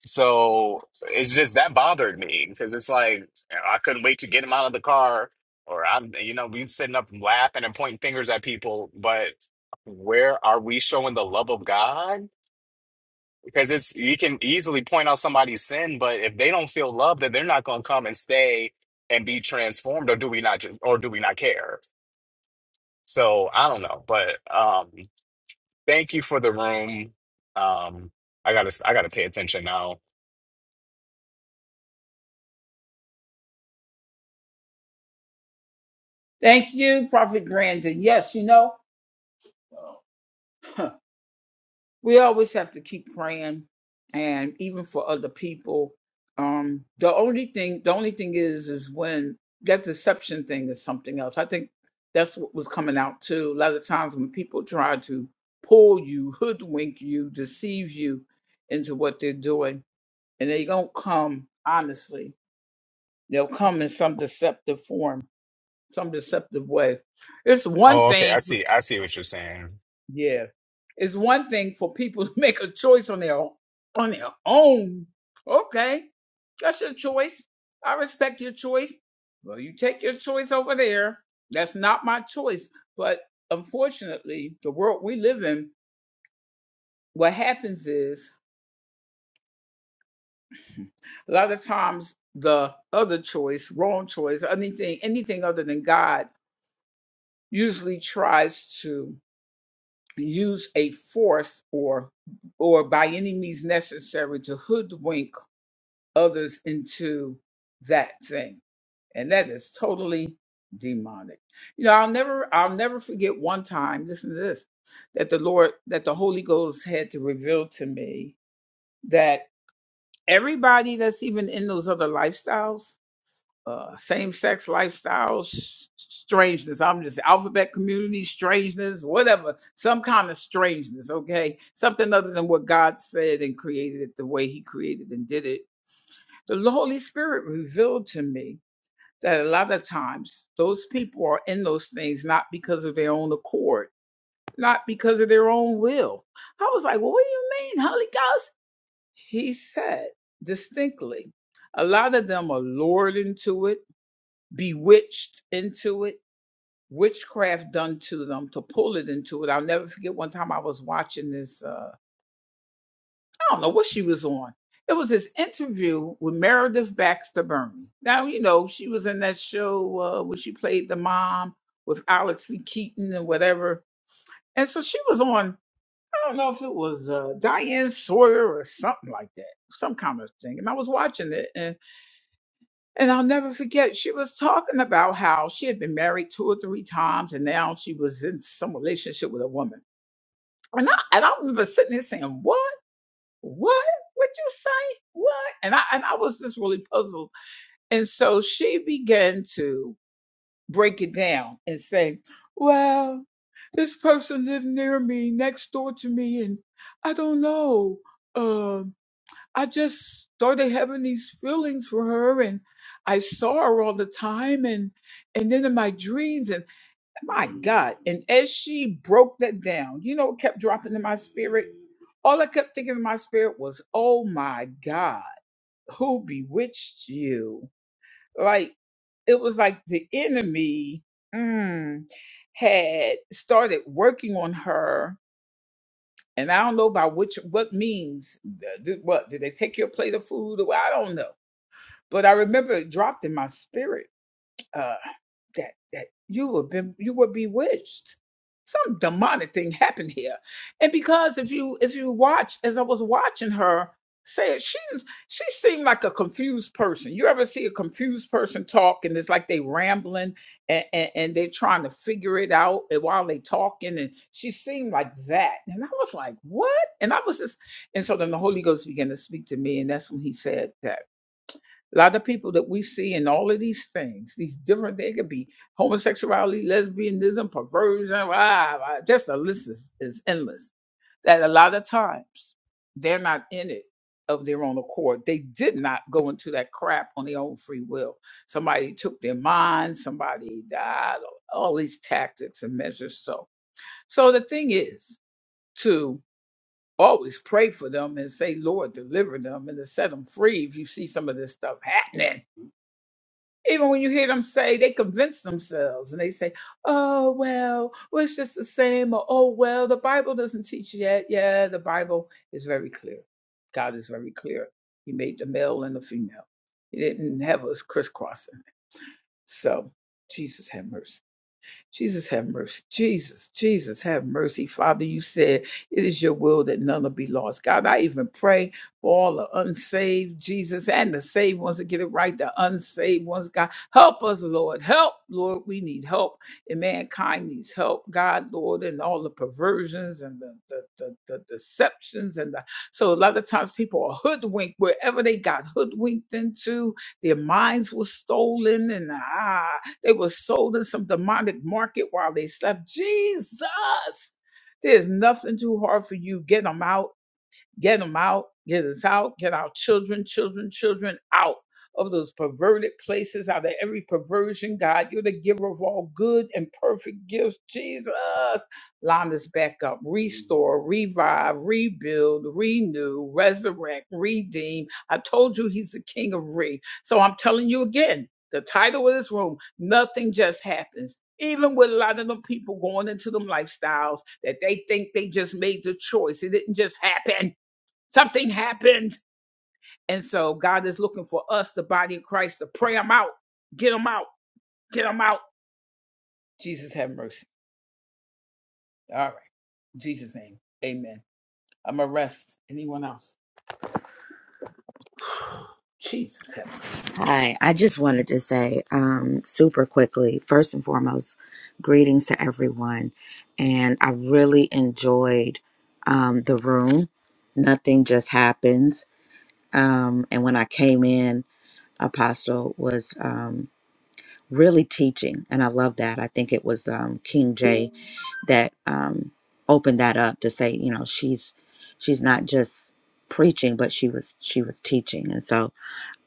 B: So it's just that bothered me because it's like I couldn't wait to get him out of the car, or I'm, you know, we sitting up laughing and pointing fingers at people, but where are we showing the love of God? Because it's you can easily point out somebody's sin, but if they don't feel love, then they're not going to come and stay and be transformed, or do we not? Just, or do we not care? So I don't know, but um, Thank you for the room. Um, I gotta I gotta pay attention now. Oh, okay. I see. I see what you're saying.
E: Hi, I just wanted to say um, super quickly, first and foremost, greetings to everyone. And I really enjoyed um, the room. Nothing just happens. Um, and when I came in, Apostle was um, really teaching. And I love that. I think it was um, King J that um, opened that up to say, you know, she's she's not just preaching, but she was she was teaching. And so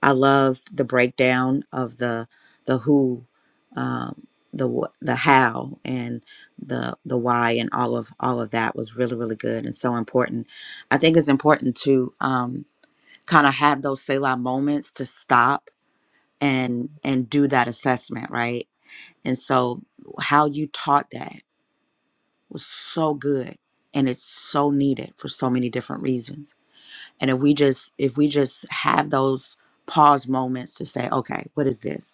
E: I loved the breakdown of the the who, um, the wh- the how, and the the why, and all of all of that was really really good and so important. I think it's important to um, kind of have those Selah moments to stop and and do that assessment, right? And so how you taught that was so good, and it's so needed for so many different reasons. And if we just if we just have those pause moments to say, okay, what is this?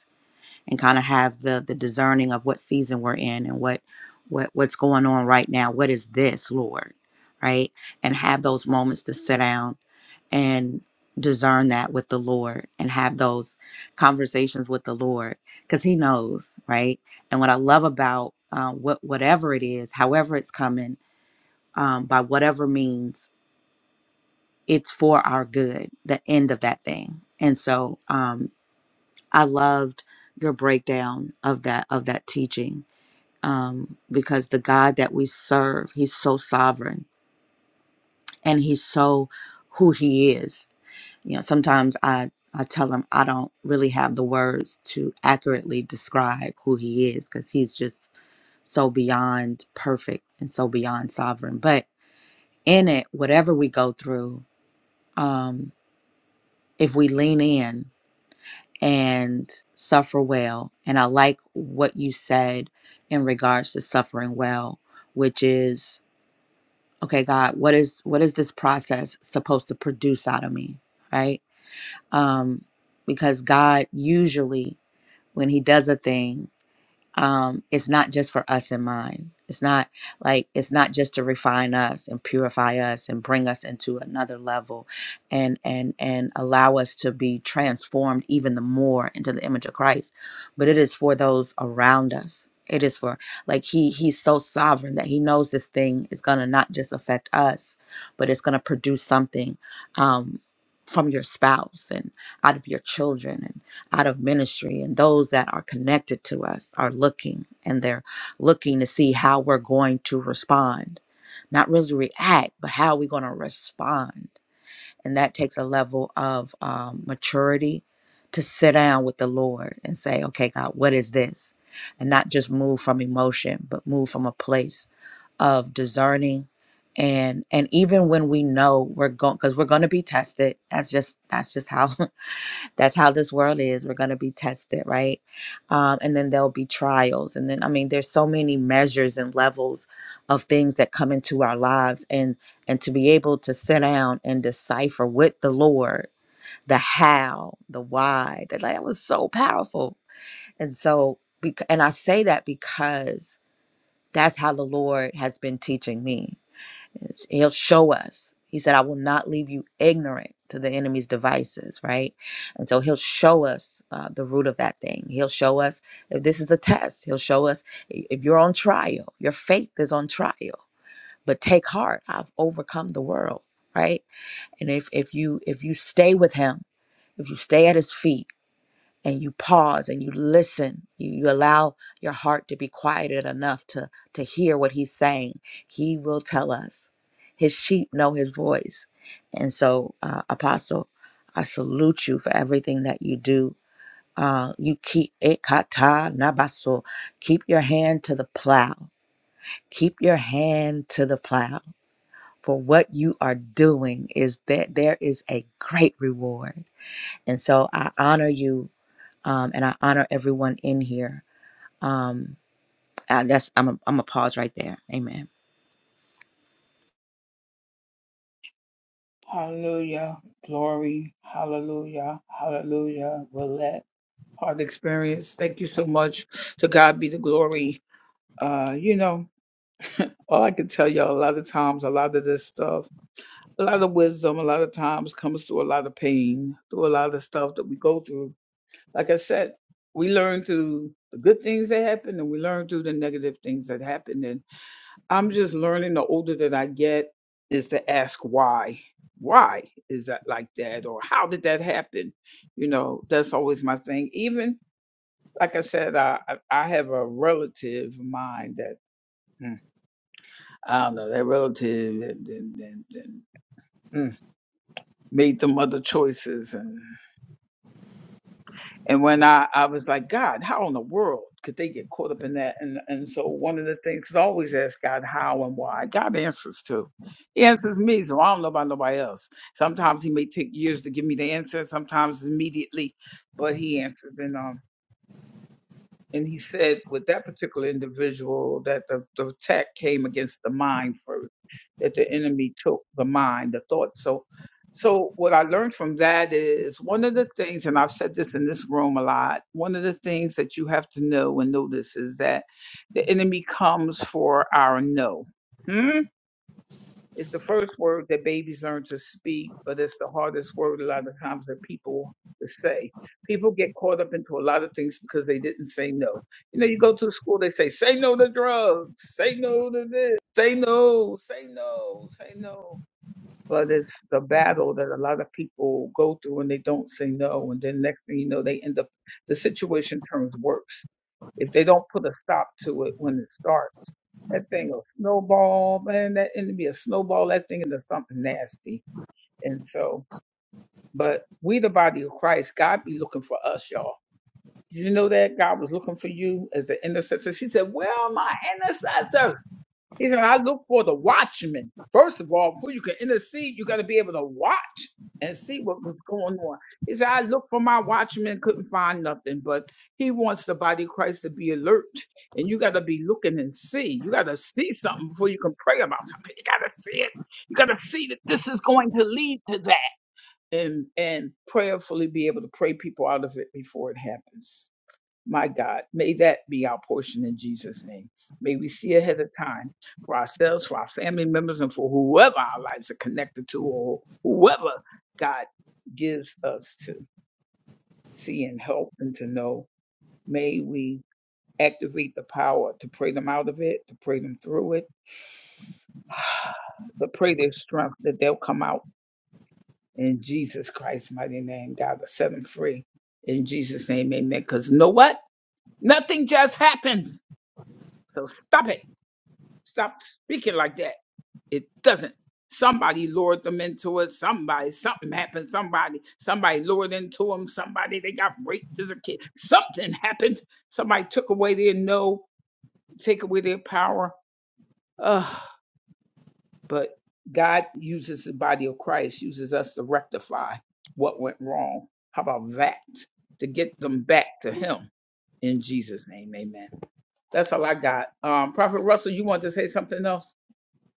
E: and kind of have the the discerning of what season we're in and what what what's going on right now what is this lord right and have those moments to sit down and discern that with the lord and have those conversations with the lord because he knows right and what i love about uh, what whatever it is however it's coming um, by whatever means it's for our good the end of that thing and so um, I loved your breakdown of that of that teaching um, because the God that we serve, He's so sovereign and He's so who He is. You know, sometimes I I tell Him I don't really have the words to accurately describe who He is because He's just so beyond perfect and so beyond sovereign. But in it, whatever we go through, um, if we lean in and suffer well. And I like what you said in regards to suffering well, which is okay, God, what is what is this process supposed to produce out of me, right? Um, because God usually when He does a thing um, it's not just for us in mind. It's not like it's not just to refine us and purify us and bring us into another level, and and and allow us to be transformed even the more into the image of Christ. But it is for those around us. It is for like he he's so sovereign that he knows this thing is gonna not just affect us, but it's gonna produce something um, from your spouse and out of your children out of ministry and those that are connected to us are looking and they're looking to see how we're going to respond not really react but how we're going to respond and that takes a level of um, maturity to sit down with the lord and say okay god what is this and not just move from emotion but move from a place of discerning and and even when we know we're going because we're going to be tested that's just that's just how that's how this world is we're going to be tested right um, and then there'll be trials and then i mean there's so many measures and levels of things that come into our lives and and to be able to sit down and decipher with the lord the how the why that like, that was so powerful and so bec- and i say that because that's how the lord has been teaching me it's- He'll show us. He said, I will not leave you ignorant to the enemy's devices, right? And so he'll show us uh, the root of that thing. He'll show us if this is a test. He'll show us i- if you're on trial, your faith is on trial. But take heart, I've overcome the world, right? And if if you if you stay with him, if you stay at his feet, and you pause and you listen you, you allow your heart to be quieted enough to to hear what he's saying he will tell us his sheep know his voice and so uh, apostle i salute you for everything that you do uh, you keep it kata nabaso keep your hand to the plow keep your hand to the plow for what you are doing is that there is a great reward and so i honor you um, and I honor everyone in here. Um, and that's I'm a, I'm a pause right there. Amen.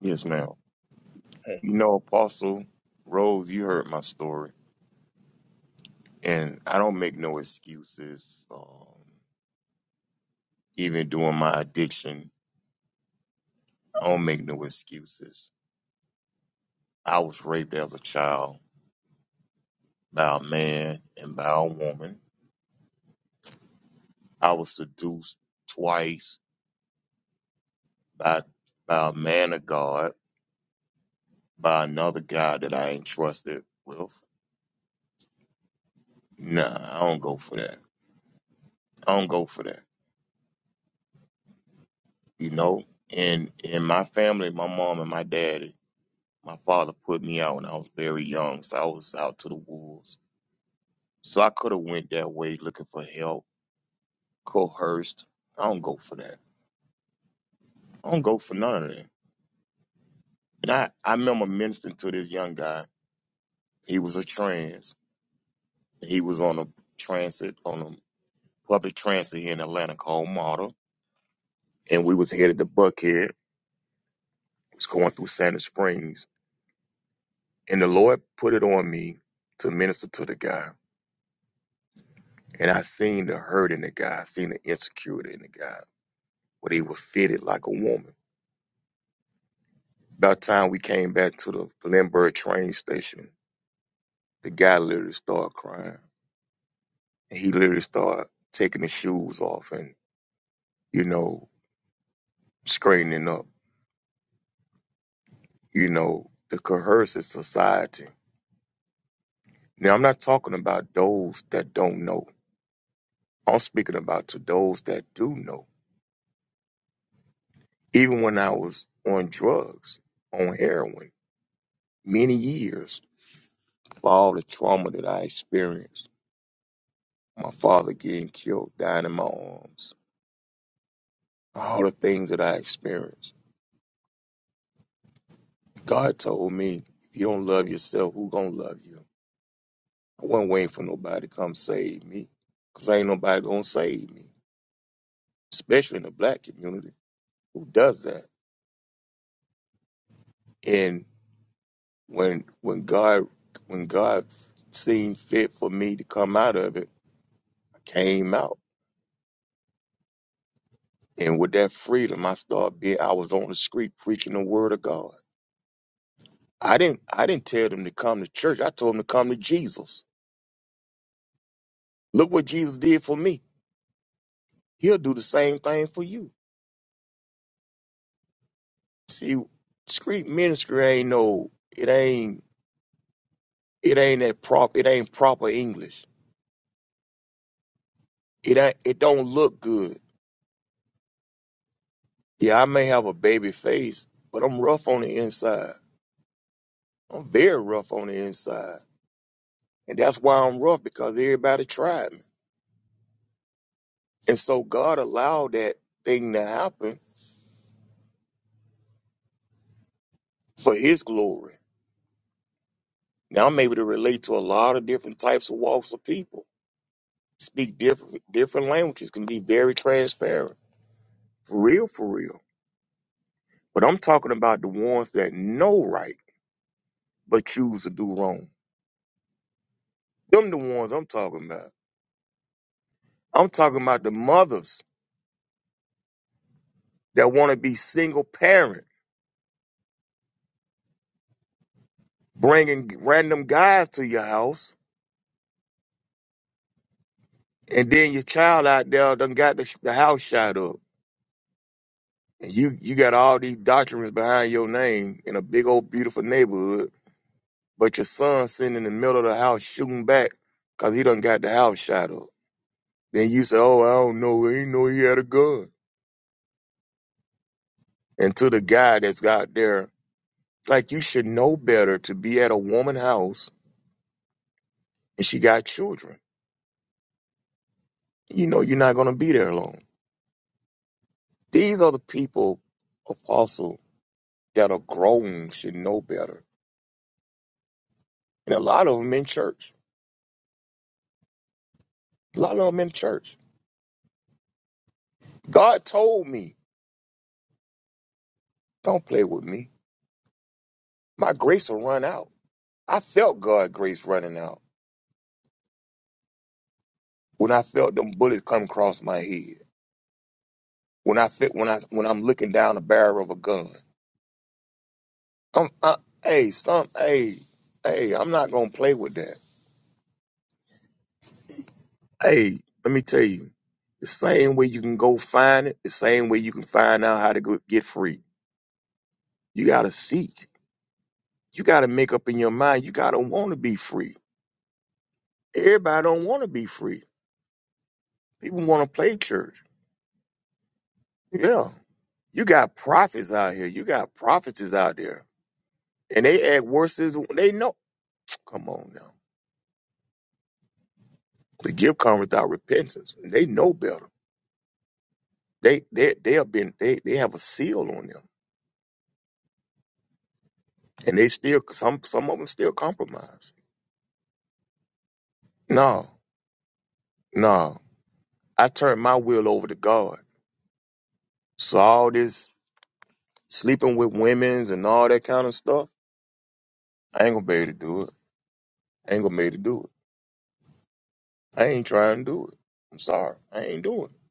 D: Yes, ma'am. You know, Apostle Rose, you heard my story, and I don't make no excuses. Um, even during my addiction, I don't make no excuses. I was raped as a child. by a man and by a woman. I was seduced twice by by a man of God, by another guy that I ain't trusted with. Nah, I don't go for that. I don't go for that. You know? And in my family, my mom and my daddy, my father put me out when I was very young, so I was out to the wolves. So I could have went that way looking for help, coerced. I don't go for that. I don't go for none of that. And I, I remember ministering to this young guy. He was a trans. He was on a transit on a public transit here in Atlanta called Model, and we was headed to Buckhead. Was going through Santa Springs, and the Lord put it on me to minister to the guy. And I seen the hurt in the guy, I seen the insecurity in the guy, but he was fitted like a woman. About time we came back to the Glenburg train station, the guy literally started crying. And he literally started taking his shoes off and you know straightening up. You know the coercive society Now, I'm not talking about those that don't know. I'm speaking about to those that do know. Even when I was on drugs, on heroin, many years for all the trauma that I experienced, my father getting killed, dying in my arms, all the things that I experienced. God told me, if you don't love yourself, who gonna love you? I wasn't waiting for nobody to come save me, 'cause ain't nobody gonna save me, especially in the black community. Who does that? And when when God when God seen fit for me to come out of it, I came out. And with that freedom, I started being I was on the street preaching the word of God. I didn't I didn't tell them to come to church. I told them to come to Jesus. Look what Jesus did for me. He'll do the same thing for you. See, street ministry ain't no it ain't it ain't that prop it ain't proper English. It ain't it don't look good. Yeah, I may have a baby face, but I'm rough on the inside. I'm very rough on the inside. And that's why I'm rough because everybody tried me. And so God allowed that thing to happen for his glory. Now I'm able to relate to a lot of different types of walks of people, speak different different languages, can be very transparent. For real, for real. But I'm talking about the ones that know right but choose to do wrong. Them the ones I'm talking about. I'm talking about the mothers that want to be single parent, bringing random guys to your house And then your child out there done got the, the house shot up. And you, you got all these documents behind your name in a big old beautiful neighborhood, but your son sitting in the middle of the house shooting back because he done got the house shot up. Then you say, oh, I don't know. I ain't know he had a gun. And to the guy that's got there, like you should know better to be at a woman's house and she got children. You know you're not going to be there long. These are the people, apostle, that are grown should know better And a lot of them in church. A lot of them in church. God told me, don't play with me. My grace will run out. I felt God's grace running out when I felt them bullets come across my head. When I fit, when I when I'm looking down the barrel of a gun. I'm, I, hey, some, hey, hey, I'm not gonna play with that. Hey, let me tell you, the same way you can go find it, the same way you can find out how to go, get free. You gotta seek. You gotta make up in your mind. You gotta want to be free. Everybody don't want to be free. People want to play church. Yeah. You got prophets out here. You got prophetess out there. And they act worse as they know. Come on now. The gift comes without repentance. they know better. They they they have been they, they have a seal on them. And they still some some of them still compromise. No, no. I turned my will over to God. So all this sleeping with women's and all that kind of stuff, I ain't gonna be able to do it. I ain't gonna be able to do it. I ain't trying to do it. I'm sorry. I ain't doing it.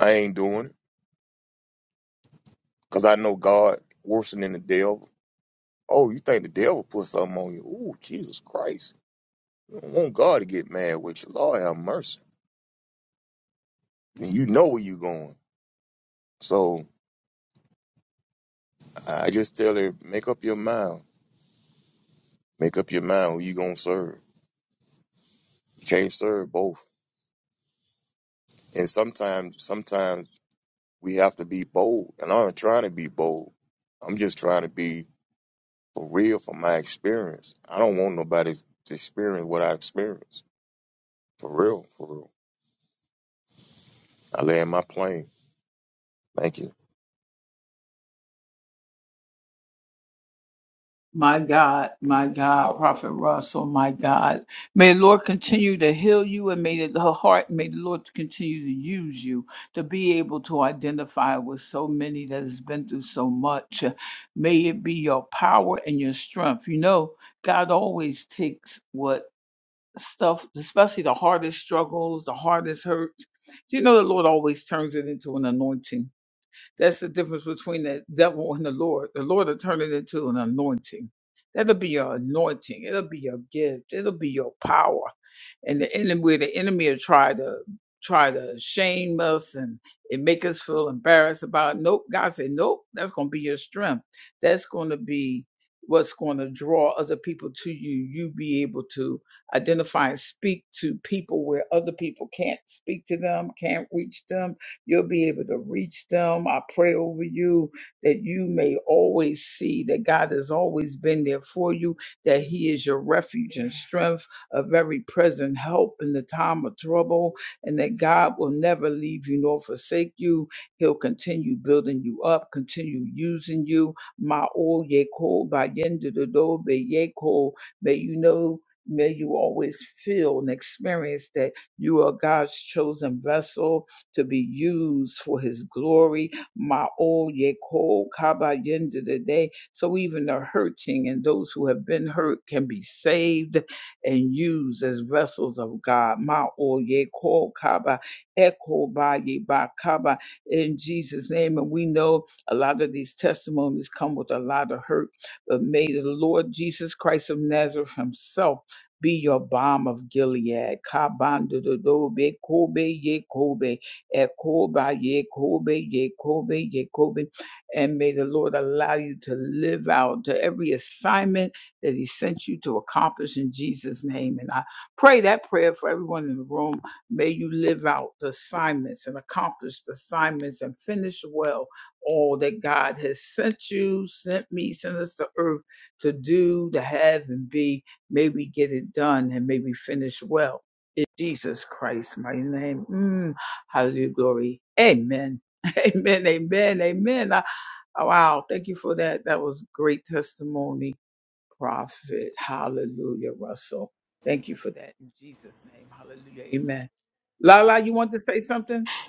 D: I ain't doing it. Because I know God worse than the devil. Oh, you think the devil put something on you? Ooh, Jesus Christ. You don't want God to get mad with you. Lord have mercy. And you know where you going. So I just tell her, make up your mind. Make up your mind who you going to serve. You can't serve both. And sometimes, sometimes we have to be bold. And I'm not trying to be bold. I'm just trying to be For real, from my experience, I don't want nobody to experience what I experienced. For real, for real. I land my plane. Thank you.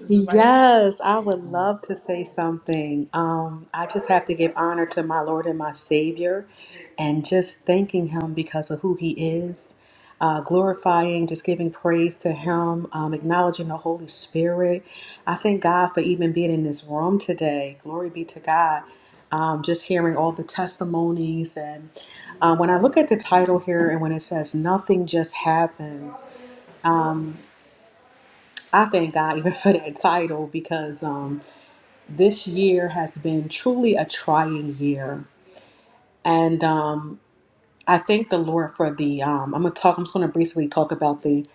F: Yes, I would love to say something. Um, I just have to give honor to my Lord and my Savior and just thanking Him because of who He is, uh, glorifying, just giving praise to Him, um, acknowledging the Holy Spirit. I thank God for even being in this room today. Glory be to God. Um, just hearing all the testimonies. And uh, when I look at the title here and when it says, Nothing Just Happens, I thank God even for that title because. Um, this year has been truly a trying year. And um, I thank the Lord for the, um, I'm going to talk, I'm just going to briefly talk about the,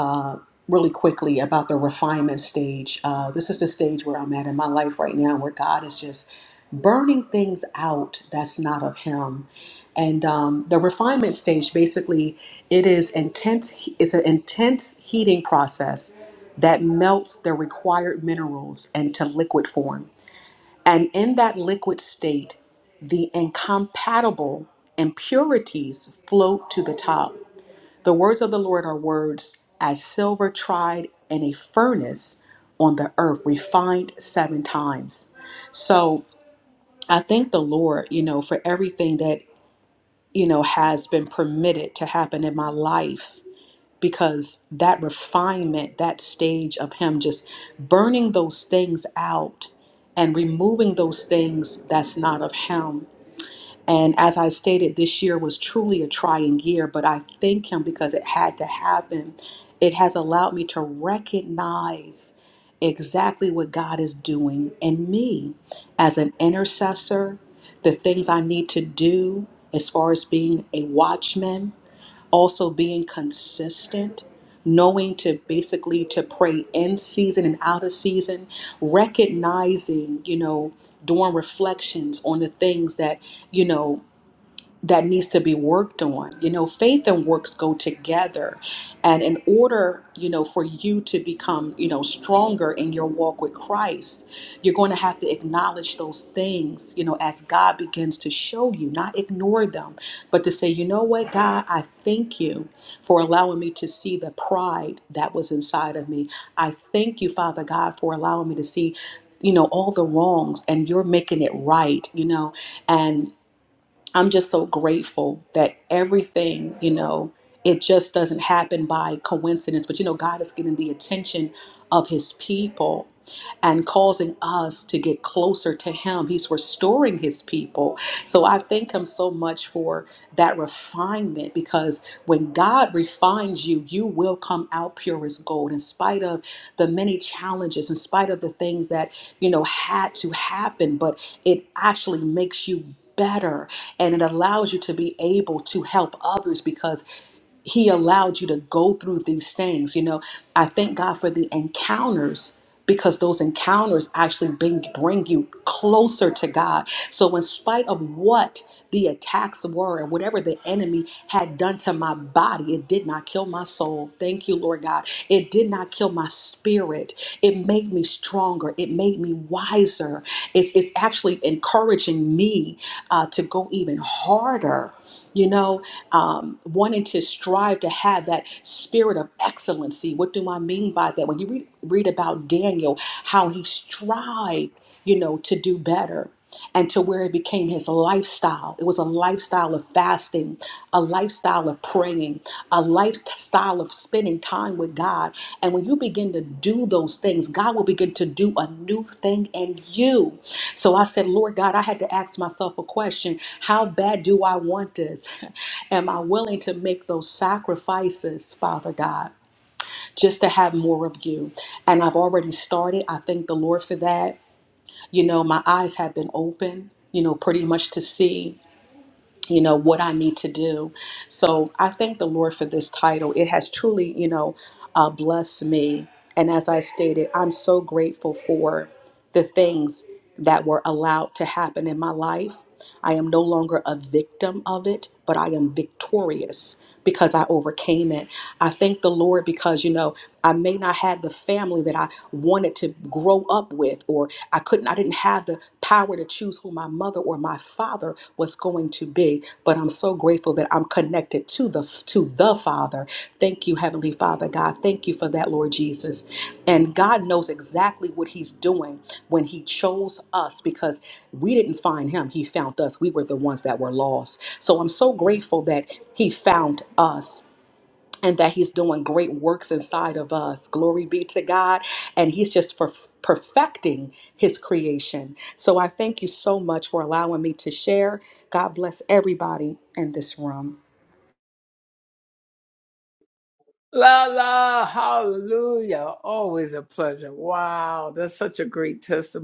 F: uh, really quickly about the refinement stage. Uh, this is the stage where I'm at in my life right now, where God is just burning things out that's not of Him. And um, the refinement stage, basically, it is intense. It's an intense heating process that melts the required minerals into liquid form. And in that liquid state, the incompatible impurities float to the top. The words of the Lord are words as silver tried in a furnace on the earth, refined seven times. So I thank the Lord, you know, for everything that, you know, has been permitted to happen in my life because that refinement, that stage of him just burning those things out and removing those things that's not of him. And as I stated, this year was truly a trying year, but I thank him because it had to happen. It has allowed me to recognize exactly what God is doing in me as an intercessor, the things I need to do as far as being a watchman also being consistent knowing to basically to pray in season and out of season recognizing you know during reflections on the things that you know that needs to be worked on. You know, faith and works go together. And in order, you know, for you to become, you know, stronger in your walk with Christ, you're going to have to acknowledge those things, you know, as God begins to show you, not ignore them, but to say, you know what, God, I thank you for allowing me to see the pride that was inside of me. I thank you, Father God, for allowing me to see you know all the wrongs and you're making it right you know and. I'm just so grateful that everything, you know, it just doesn't happen by coincidence. But, you know, God is getting the attention of his people and causing us to get closer to Him. He's restoring His people. So I thank Him so much for that refinement because when God refines you, you will come out pure as gold in spite of the many challenges, in spite of the things that, you know, had to happen, but it actually makes you better and it allows you to be able to help others because he allowed you to go through these things you know i thank god for the encounters because those encounters actually bring, bring you closer to god so in spite of what the attacks were and whatever the enemy had done to my body it did not kill my soul thank you lord god it did not kill my spirit it made me stronger. It made me wiser. It's, it's actually encouraging me uh, to go even harder, you know, um, wanting to strive to have that spirit of excellency. What do I mean by that? When you read, read about Daniel, how he strived, you know, to do better and to where it became his lifestyle. It was a lifestyle of fasting, a lifestyle of praying, a lifestyle of spending time with God. And when you begin to do those things, God will begin to do a new thing in you. So I said, Lord God, I had to ask myself a question How bad do I want this? Am I willing to make those sacrifices, Father God? Just to have more of you. And I've already started. I thank the Lord for that you know, my eyes have been open, you know, pretty much to see, you know, what I need to do. So I thank the Lord for this title. It has truly, you know, uh, blessed me. And as I stated, I'm so grateful for the things that were allowed to happen in my life I am no longer a victim of it, but I am victorious because I overcame it. I thank the Lord because, you know, I may not have the family that I wanted to grow up with, or I couldn't, I didn't have the power to choose who my mother or my father was going to be. But I'm so grateful so grateful that I'm connected to the to the Father. Thank you, Heavenly Father God. Thank you for that, Lord Jesus. And God knows exactly what He's doing when He chose us because we didn't find Him. He found us. We were the ones that were lost. So I'm so grateful that He found us and that he's doing great works inside of us. Glory be to God. And he's just perf- perfecting his creation. So I thank you so much for allowing me to share. God bless everybody in this room.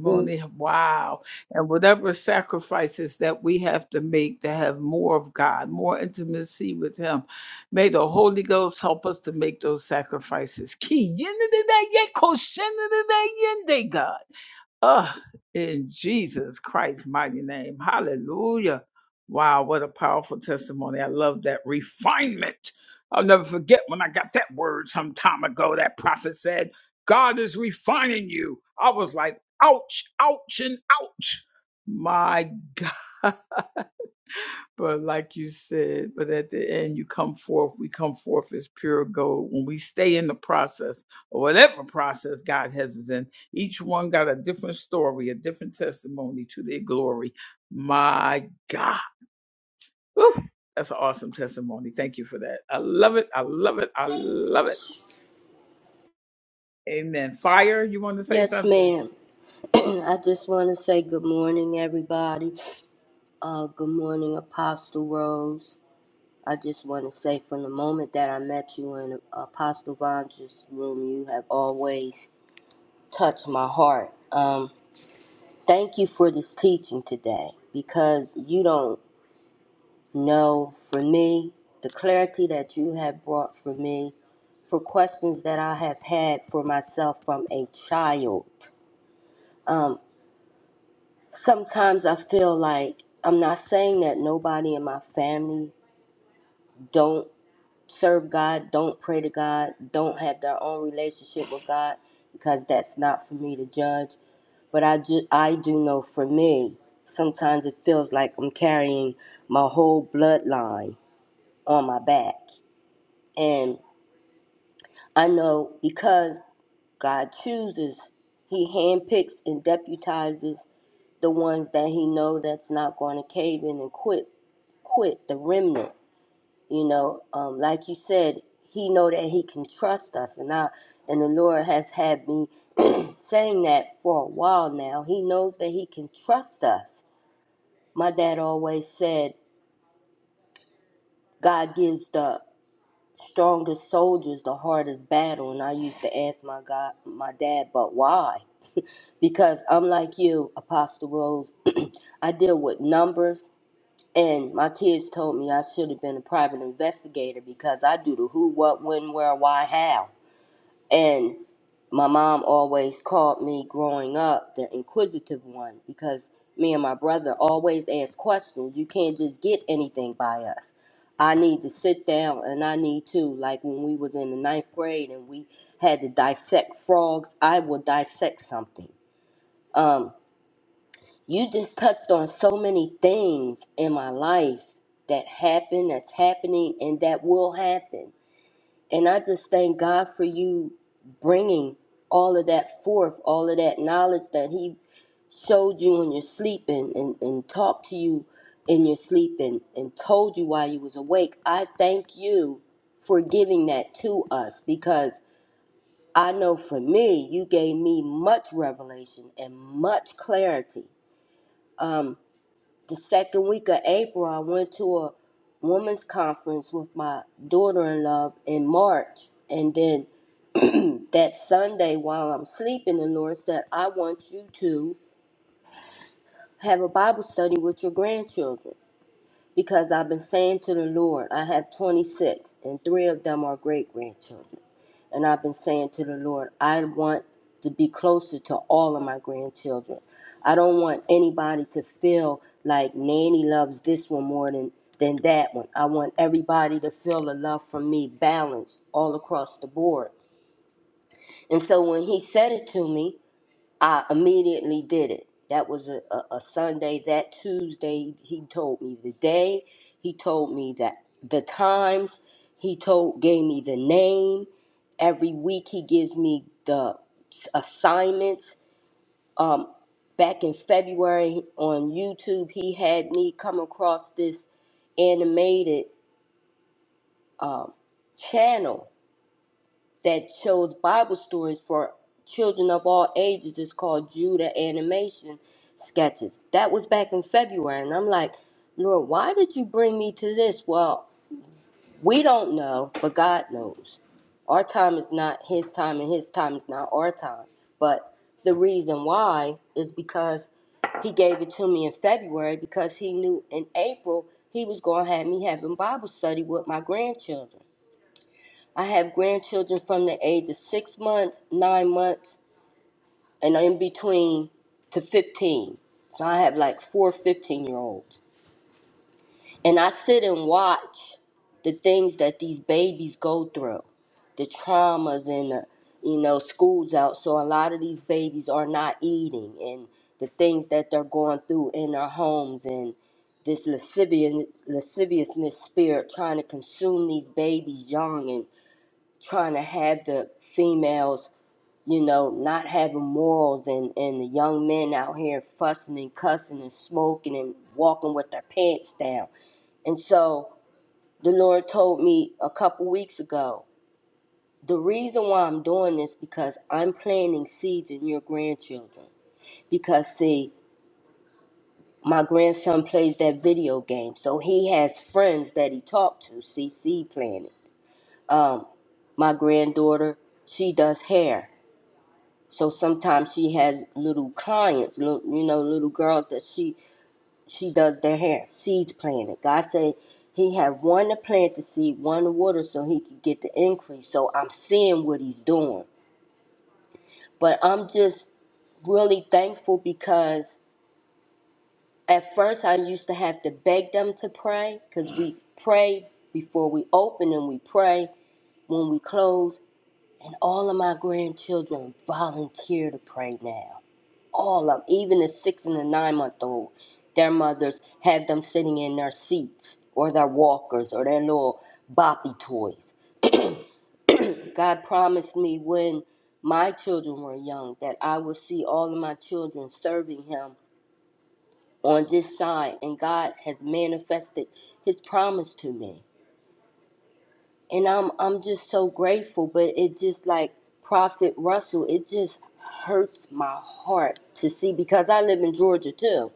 G: Mm, Yes, ma'am. I just want to say good morning, everybody. Uh, good morning, Apostle Rose. I just want to say from the moment that I met you in Apostle Vondra's room, you have always touched my heart. Um, thank you for this teaching today because you don't know for me the clarity that you have brought for me for questions that I have had for myself from a child. Um. sometimes I feel like I'm not saying that nobody in my family don't serve God, don't pray to God, don't have their own relationship with God, because that's not for me to judge. But I ju- I do know for me, sometimes it feels like I'm carrying my whole bloodline on my back, and I know because God chooses, He handpicks and deputizes the ones that he know that's not going to cave in and quit quit the remnant you know um, like you said he know that he can trust us and i and the lord has had me saying that for a while now he knows that he can trust us my dad always said god gives the strongest soldiers the hardest battle and i used to ask my god my dad but why because i'm like you apostle rose i deal with numbers And my kids told me I should have been a private investigator because I do the who, what, when, where, why, how. And my mom always called me growing up the inquisitive one because me and my brother always asked questions. You can't just get anything by us. I need to sit down and I need to, like when we was in the ninth grade and we had to dissect frogs, I will dissect something. Um you just touched on so many things in my life that happened, that's happening, and that will happen. And I just thank God for you bringing all of that forth, all of that knowledge that He showed you when you're sleeping and, and talked to you in your sleep and, and told you while you was awake. I thank you for giving that to us because I know for me, you gave me much revelation and much clarity. Um, the second week of April, I went to a women's conference with my daughter in law in March. And then that Sunday, while I'm sleeping, the Lord said, I want you to have a Bible study with your grandchildren. Because I've been saying to the Lord, I have 26, and three of them are great grandchildren. And I've been saying to the Lord, I want to be closer to all of my grandchildren. I don't want anybody to feel like Nanny loves this one more than, than that one. I want everybody to feel the love from me balanced all across the board. And so when he said it to me, I immediately did it. That was a, a, a Sunday. That Tuesday, he told me the day. He told me that the times. He told gave me the name. Every week he gives me the assignments. Um, back in February on YouTube, he had me come across this animated um, channel that shows Bible stories for children of all ages. It's called Judah Animation Sketches. That was back in February. And I'm like, Lord, why did you bring me to this? Well, we don't know, but God knows. Our time is not His time, and His time is not our time. But the reason why is because He gave it to me in February because He knew in April He was going to have me having Bible study with my grandchildren. I have grandchildren from the age of six months, nine months, and in between to 15. So I have like 415 year olds. And I sit and watch the things that these babies go through, the traumas and the, you know, school's out. So a lot of these babies are not eating and the things that they're going through in their homes and this lascivious, lasciviousness spirit trying to consume these babies young and trying to have the females, you know, not having morals and, and the young men out here fussing and cussing and smoking and walking with their pants down. And so the Lord told me a couple weeks ago, the reason why I'm doing this because I'm planting seeds in your grandchildren. Because see, my grandson plays that video game, so he has friends that he talked to. CC planted. Um, my granddaughter, she does hair So sometimes she has little clients, little, you know, little girls that she she does their hair, seeds planted. God say he had one to plant the seed, one to water, so he could get the increase. So I'm seeing what he's doing, but I'm just really thankful because at first I used to have to beg them to pray because we pray before we open and we pray when we close, and all of my grandchildren volunteer to pray now all of them, even the six and the nine month old their mothers have them sitting in their seats or their walkers or their little boppy toys god promised me when my children were young that i would see all of my children serving him on this side and god has manifested his promise to me and i'm i'm just so grateful but it just like prophet russell it just hurts my heart to see because i live in georgia too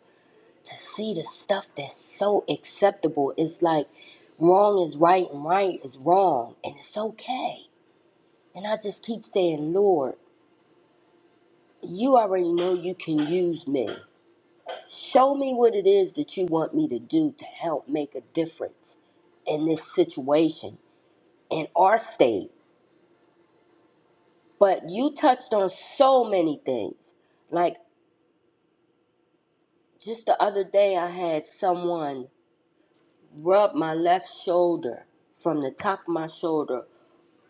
G: to see the stuff that's so acceptable. It's like wrong is right and right is wrong, and it's okay. And I just keep saying, Lord, you already know you can use me. Show me what it is that you want me to do to help make a difference in this situation, in our state. But you touched on so many things. Like just the other day, I had someone rub my left shoulder from the top of my shoulder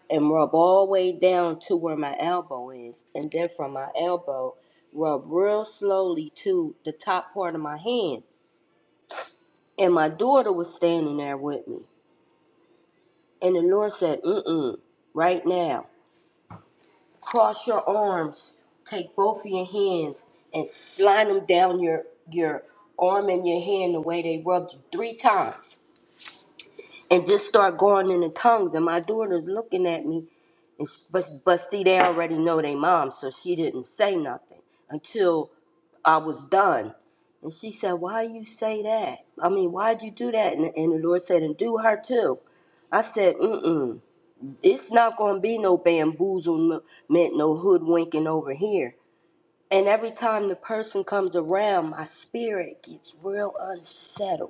G: and rub all the way down to where my elbow is. And then from my elbow, rub real slowly to the top part of my hand. And my daughter was standing there with me. And the Lord said, Mm-mm, right now, cross your arms, take both of your hands, and slide them down your your arm and your hand the way they rubbed you three times. And just start going in the tongues. And my daughter's looking at me And s- But but see, they already know they mom, so she didn't say nothing until I was done. And she said, "Why you say that? I mean, why'd you do that?" And, and the Lord said, "And do her too." I said, "Mm-mm, it's not gonna be no bamboozlement, no hoodwinking over here." And every time the person comes around, my spirit gets real unsettled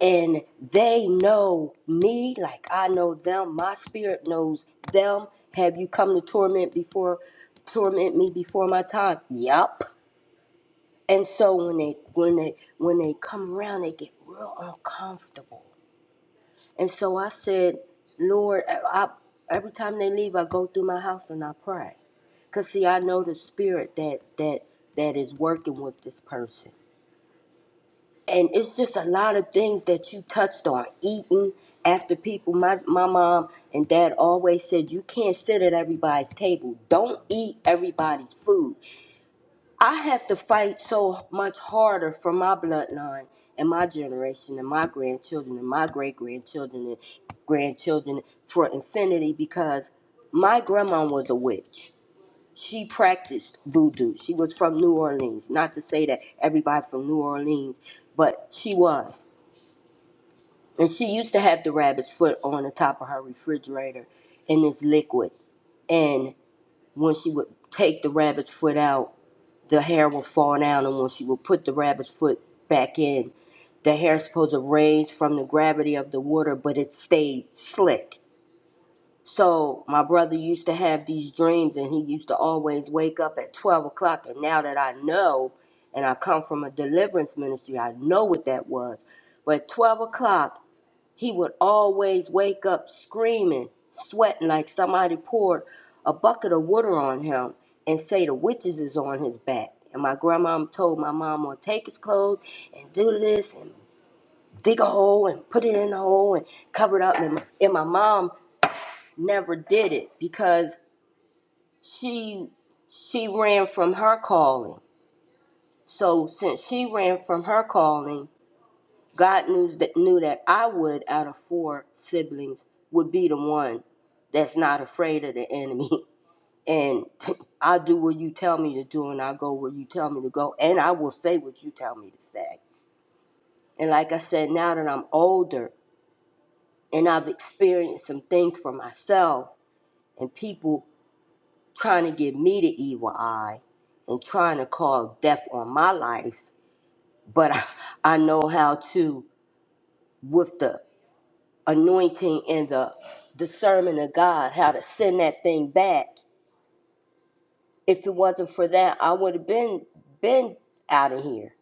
G: and they know me like I know them. My spirit knows them. Have you come to torment before torment me before my time? Yup. And so when they when they when they come around, they get real uncomfortable. And so I said, Lord, I, I every time they leave, I go through my house and I pray, cause see, I know the spirit that that that is working with this person and it's just a lot of things that you touched on eating after people my, my mom and dad always said you can't sit at everybody's table don't eat everybody's food i have to fight so much harder for my bloodline and my generation and my grandchildren and my great grandchildren and grandchildren for infinity because my grandma was a witch she practiced voodoo she was from new orleans not to say that everybody from new orleans but she was and she used to have the rabbit's foot on the top of her refrigerator in this liquid. And when she would take the rabbit's foot out, the hair would fall down. And when she would put the rabbit's foot back in, the hair is supposed to raise from the gravity of the water, but it stayed slick. So my brother used to have these dreams, and he used to always wake up at 12 o'clock. And now that I know, and I come from a deliverance ministry, I know what that was. But 12 o'clock, he would always wake up screaming, sweating like somebody poured a bucket of water on him and say the witches is on his back. And my grandmom told my mama, take his clothes and do this and dig a hole and put it in the hole and cover it up. And, and my mom never did it because she she ran from her calling. So since she ran from her calling, God knew that knew that I would, out of four siblings, would be the one that's not afraid of the enemy. And I'll do what you tell me to do, and I'll go where you tell me to go, and I will say what you tell me to say. And like I said, now that I'm older and I've experienced some things for myself, and people trying to give me the evil eye and trying to call death on my life, but I, I know how to with the anointing and the discernment of God, how to send that thing back. If it wasn't for that, I would have been been out of here.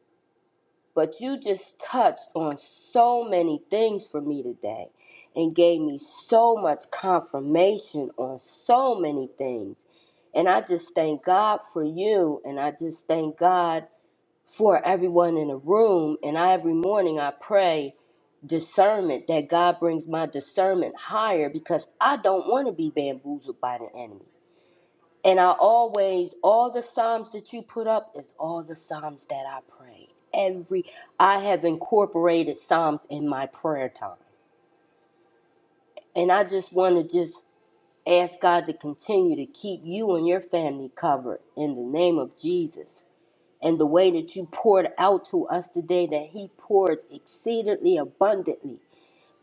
G: But you just touched on so many things for me today and gave me so much confirmation on so many things. And I just thank God for you and I just thank God for everyone in the room. And I, every morning I pray discernment that God brings my discernment higher because I don't want to be bamboozled by the enemy. And I always, all the Psalms that you put up is all the Psalms that I pray. Every, I have incorporated Psalms in my prayer time. And I just want to just ask God to continue to keep you and your family covered in the name of Jesus. and the way that you poured out to us today, that He pours exceedingly abundantly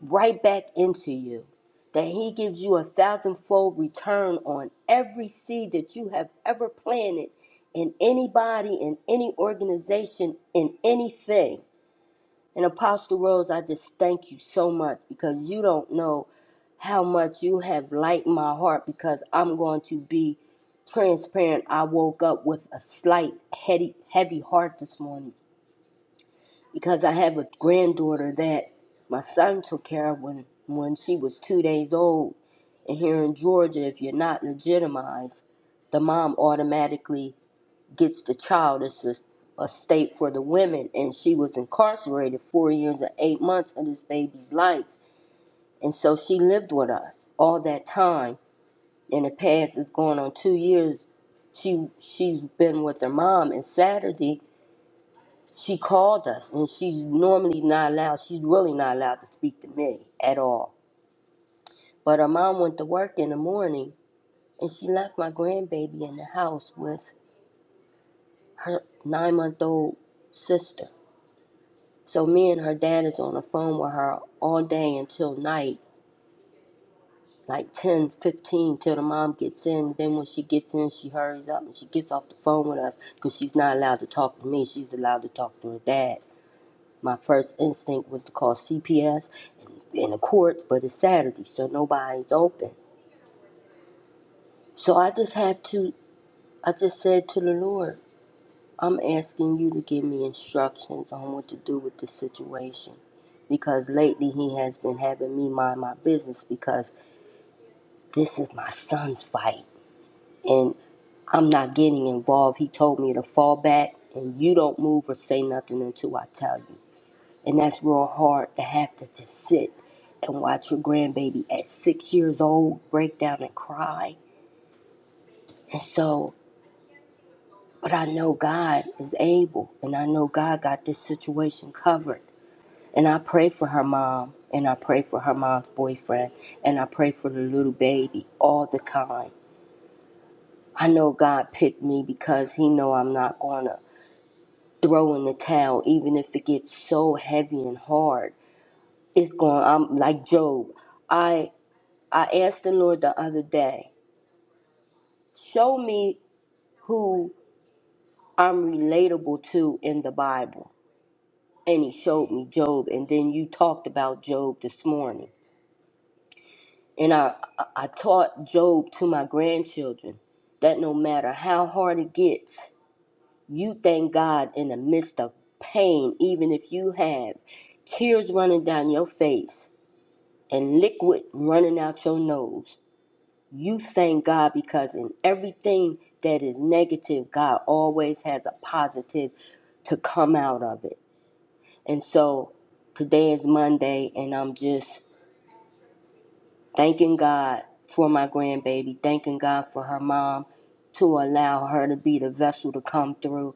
G: right back into you, that He gives you a thousandfold return on every seed that you have ever planted in anybody, in any organization, in anything. And Apostle Rose, I just thank you so much because you don't know how much you have lightened my heart because I'm going to be transparent. I woke up with a slight heady, heavy heart this morning because I have a granddaughter that my son took care of when, when she was two days old. And here in Georgia, if you're not legitimized, the mom automatically gets the child. It's a, a state for the women. And she was incarcerated four years and eight months of this baby's life. And so she lived with us all that time. In the past, it's going on two years. She she's been with her mom. And Saturday, she called us, and she's normally not allowed. She's really not allowed to speak to me at all. But her mom went to work in the morning, and she left my grandbaby in the house with her nine-month-old sister So me and her dad is on the phone with her all day until night, like 10 15 till the mom gets in. Then when she gets in, she hurries up and she gets off the phone with us because she's not allowed to talk to me. She's allowed to talk to her dad. My first instinct was to call CPS in the courts, but it's Saturday, so nobody's open. So I just have to, I just said to the Lord, I'm asking you to give me instructions on what to do with this situation because lately he has been having me mind my business because this is my son's fight and I'm not getting involved. He told me to fall back and you don't move or say nothing until I tell you. And that's real hard to have to just sit and watch your grandbaby at six years old break down and cry. And so, but I know God is able and I know God got this situation covered. And I pray for her mom and I pray for her mom's boyfriend and I pray for the little baby all the time I know God picked me because he know I'm not going to throw in the towel even if it gets so heavy and hard. It's going I'm like Job. I I asked the Lord the other day, show me who I'm relatable to in the Bible. And he showed me Job and then you talked about Job this morning. And I I I taught Job to my grandchildren that no matter how hard it gets You thank God in the midst of pain, even if you have tears running down your face and liquid running out your nose. You thank God because in everything that is negative, God always has a positive to come out of it. And so today is Monday, and I'm just thanking God for my grandbaby, thanking God for her mom to allow her to be the vessel to come through,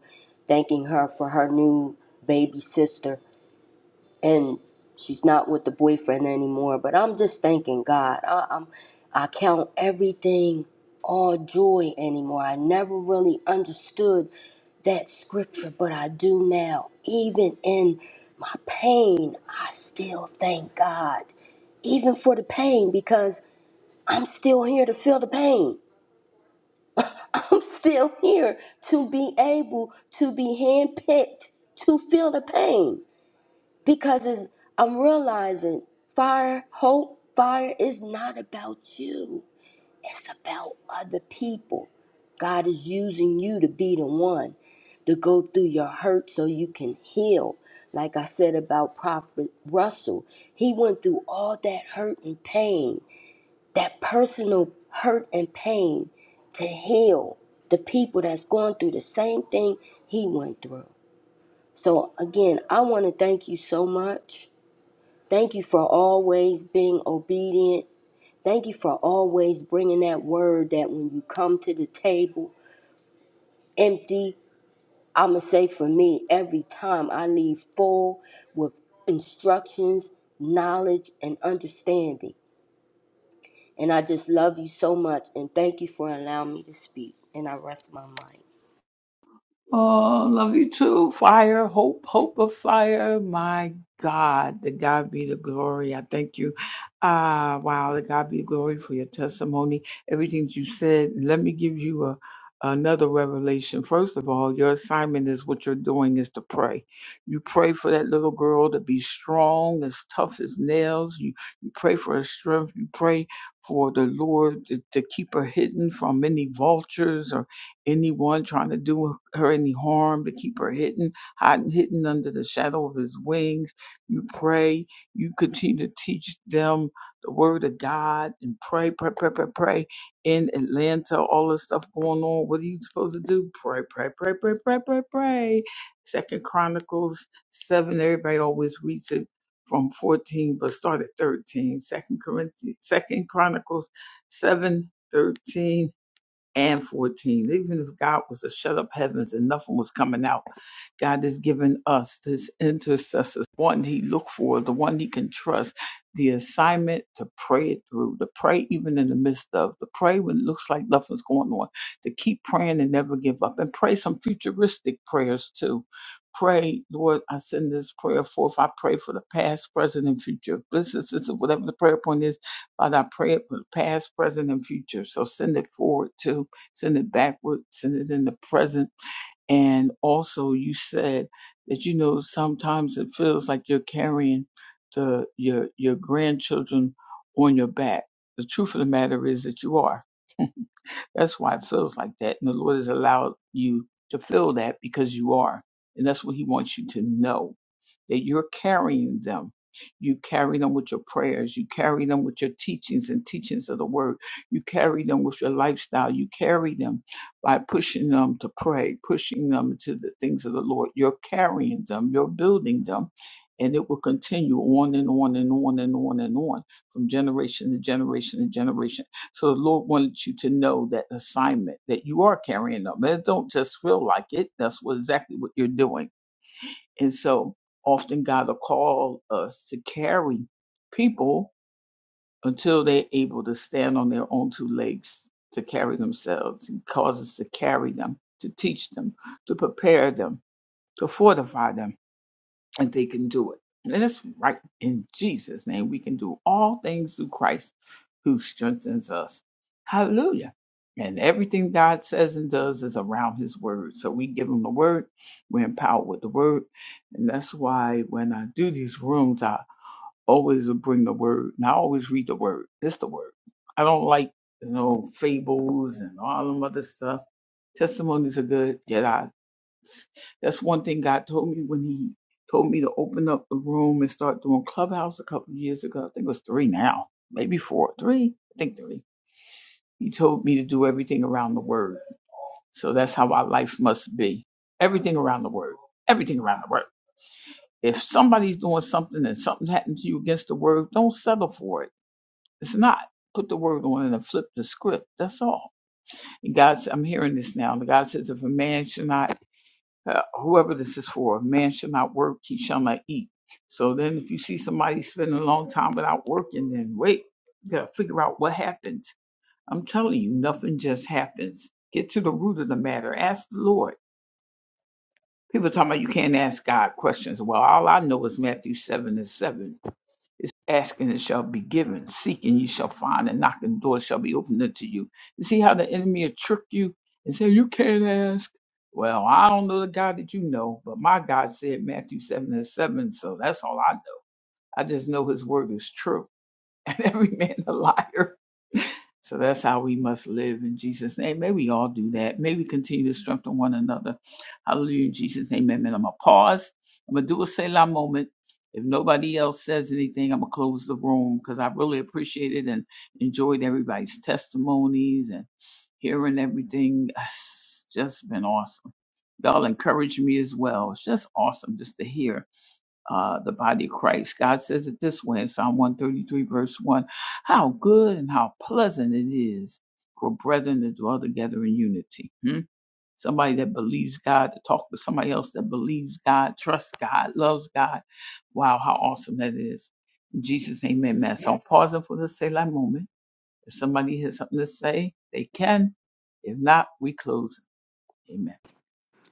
G: thanking her for her new baby sister. And she's not with the boyfriend anymore, but I'm just thanking God. I, I'm, I count everything all joy anymore. I never really understood that scripture, but I do now. Even in my pain, I still thank God, even for the pain, because I'm still here to feel the pain. I'm still here to be able to be handpicked to feel the pain because it's, I'm realizing fire, hope, fire is not about you, it's about other people. God is using you to be the one to go through your hurt so you can heal. Like I said about Prophet Russell, he went through all that hurt and pain that personal hurt and pain to heal the people that's going through the same thing he went through. So, again, I want to thank you so much. Thank you for always being obedient. Thank you for always bringing that word that when you come to the table empty, I'm going to say for me, every time I leave full with instructions, knowledge, and understanding. And I just love you so much and thank you for allowing me to speak. And I rest my mind.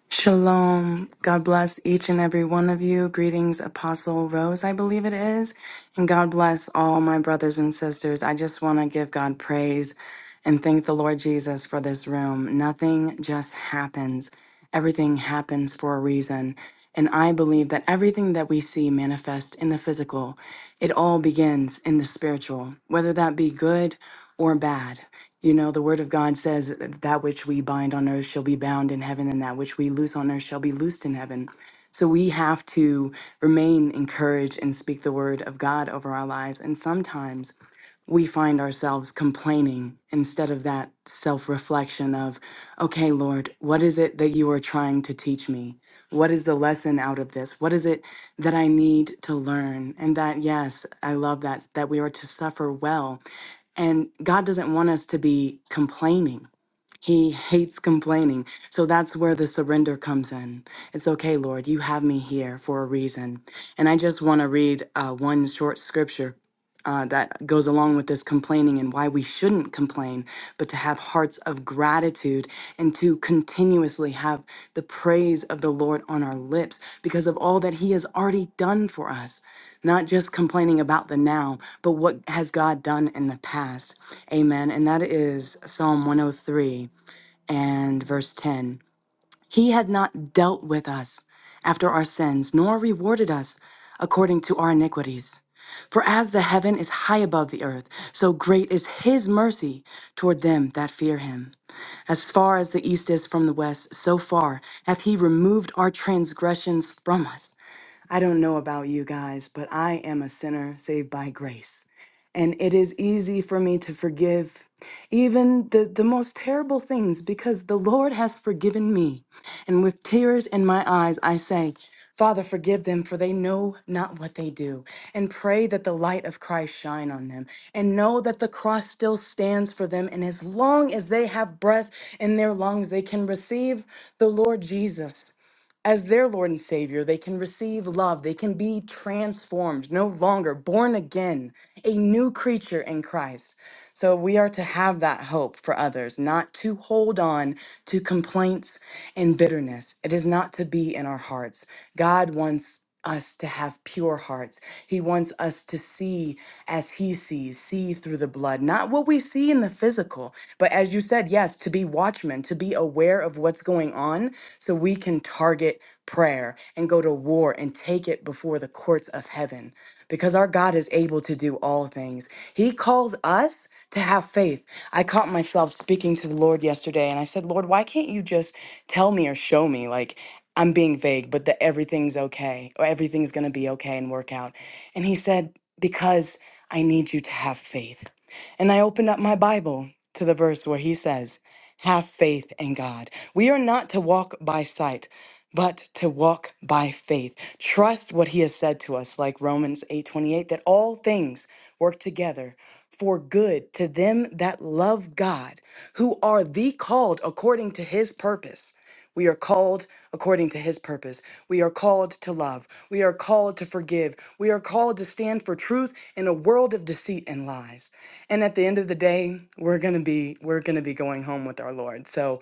H: Shalom. God bless each and every one of you. Greetings, Apostle Rose, I believe it is. And God bless all my brothers and sisters. I just want to give God praise and thank the Lord Jesus for this room. Nothing just happens, everything happens for a reason. And I believe that everything that we see manifest in the physical, it all begins in the spiritual, whether that be good or bad. You know, the word of God says that which we bind on earth shall be bound in heaven, and that which we loose on earth shall be loosed in heaven. So we have to remain encouraged and speak the word of God over our lives. And sometimes we find ourselves complaining instead of that self reflection of, okay, Lord, what is it that you are trying to teach me? What is the lesson out of this? What is it that I need to learn? And that, yes, I love that, that we are to suffer well and God doesn't want us to be complaining. He hates complaining. So that's where the surrender comes in. It's okay, Lord, you have me here for a reason. And I just want to read uh, one short scripture uh, that goes along with this complaining and why we shouldn't complain, but to have hearts of gratitude and to continuously have the praise of the Lord on our lips because of all that He has already done for us. Not just complaining about the now, but what has God done in the past. Amen. And that is Psalm 103 and verse 10 He had not dealt with us after our sins, nor rewarded us according to our iniquities. For as the heaven is high above the earth, so great is his mercy toward them that fear him. As far as the east is from the west, so far hath he removed our transgressions from us. I don't know about you guys, but I am a sinner saved by grace. And it is easy for me to forgive even the, the most terrible things because the Lord has forgiven me. And with tears in my eyes, I say, Father, forgive them, for they know not what they do. And pray that the light of Christ shine on them. And know that the cross still stands for them. And as long as they have breath in their lungs, they can receive the Lord Jesus as their Lord and Savior, they can receive love. They can be transformed, no longer born again, a new creature in Christ. So we are to have that hope for others, not to hold on to complaints and bitterness. It is not to be in our hearts. God wants us to have pure hearts. He wants us to see as he sees, see through the blood, not what we see in the physical, but as you said, yes, to be watchmen, to be aware of what's going on so we can target prayer and go to war and take it before the courts of heaven because our God is able to do all things. He calls us to have faith. I caught myself speaking to the Lord yesterday and I said, Lord, why can't you just tell me or show me? Like, I'm being vague, but that everything's okay or everything's going to be okay and work out. And he said, Because I need you to have faith. And I opened up my Bible to the verse where he says, Have faith in God. We are not to walk by sight, but to walk by faith. Trust what he has said to us, like Romans 8:28, that all things work together for good to them that love God, who are the called according to his purpose. We are called according to his purpose. We are called to love. We are called to forgive. We are called to stand for truth in a world of deceit and lies. And at the end of the day, we're going to be we're going to be going home with our Lord. So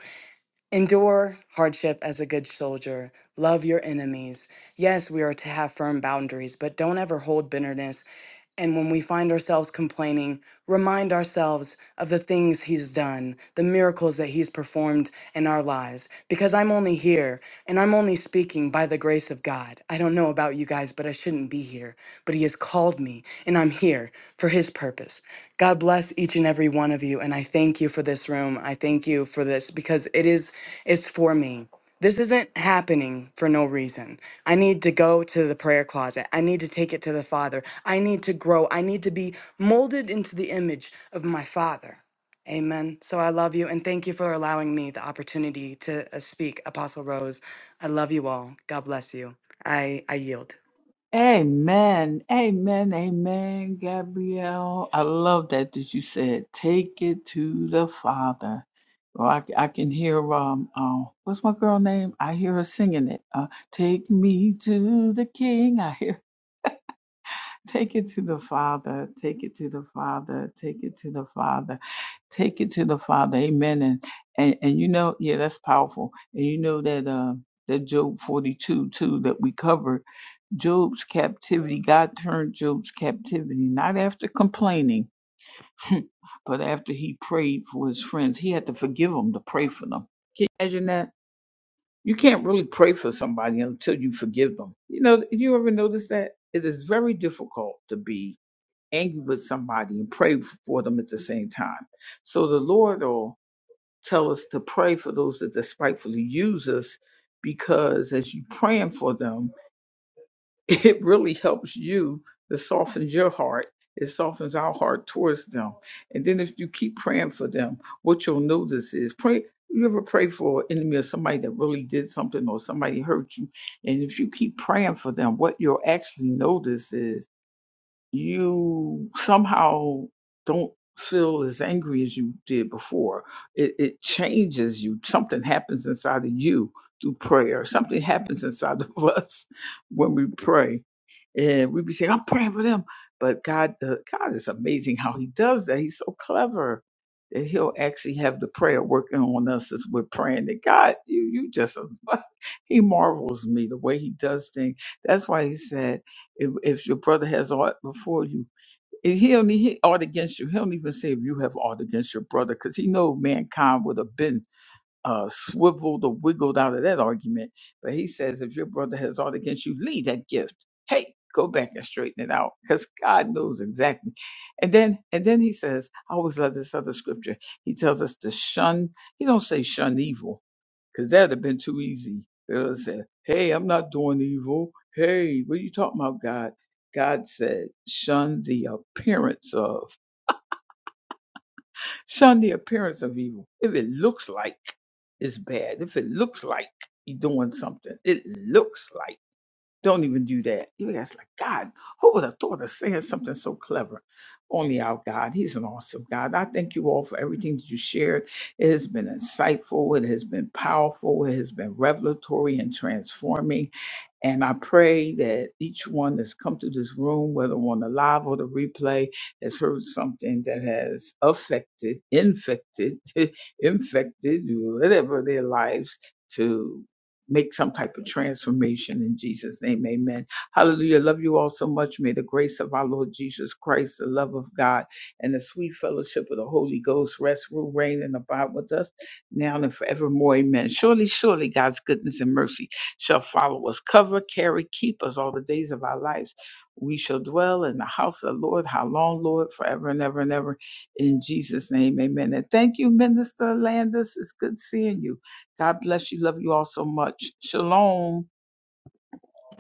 H: Endure hardship as a good soldier. Love your enemies. Yes, we are to have firm boundaries, but don't ever hold bitterness. And when we find ourselves complaining, remind ourselves of the things He's done, the miracles that He's performed in our lives. Because I'm only here and I'm only speaking by the grace of God. I don't know about you guys, but I shouldn't shouldn't be here, but He has called me, and I'm here for His purpose. God bless each and every one of you, and I thank you for this room. I thank you for this because it is, it's for me. This isn't happening for no reason. I need to go to the prayer closet. I need to take it to the Father. I need to grow. I need to be molded into the image of my Father. Amen. So I love you and thank you for allowing me the opportunity to uh, speak, Apostle Rose. I love you all. God bless you. I, I yield.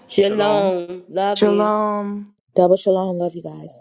G: Shalom. Love you.
H: Shalom.
E: Double shalom. Love you guys.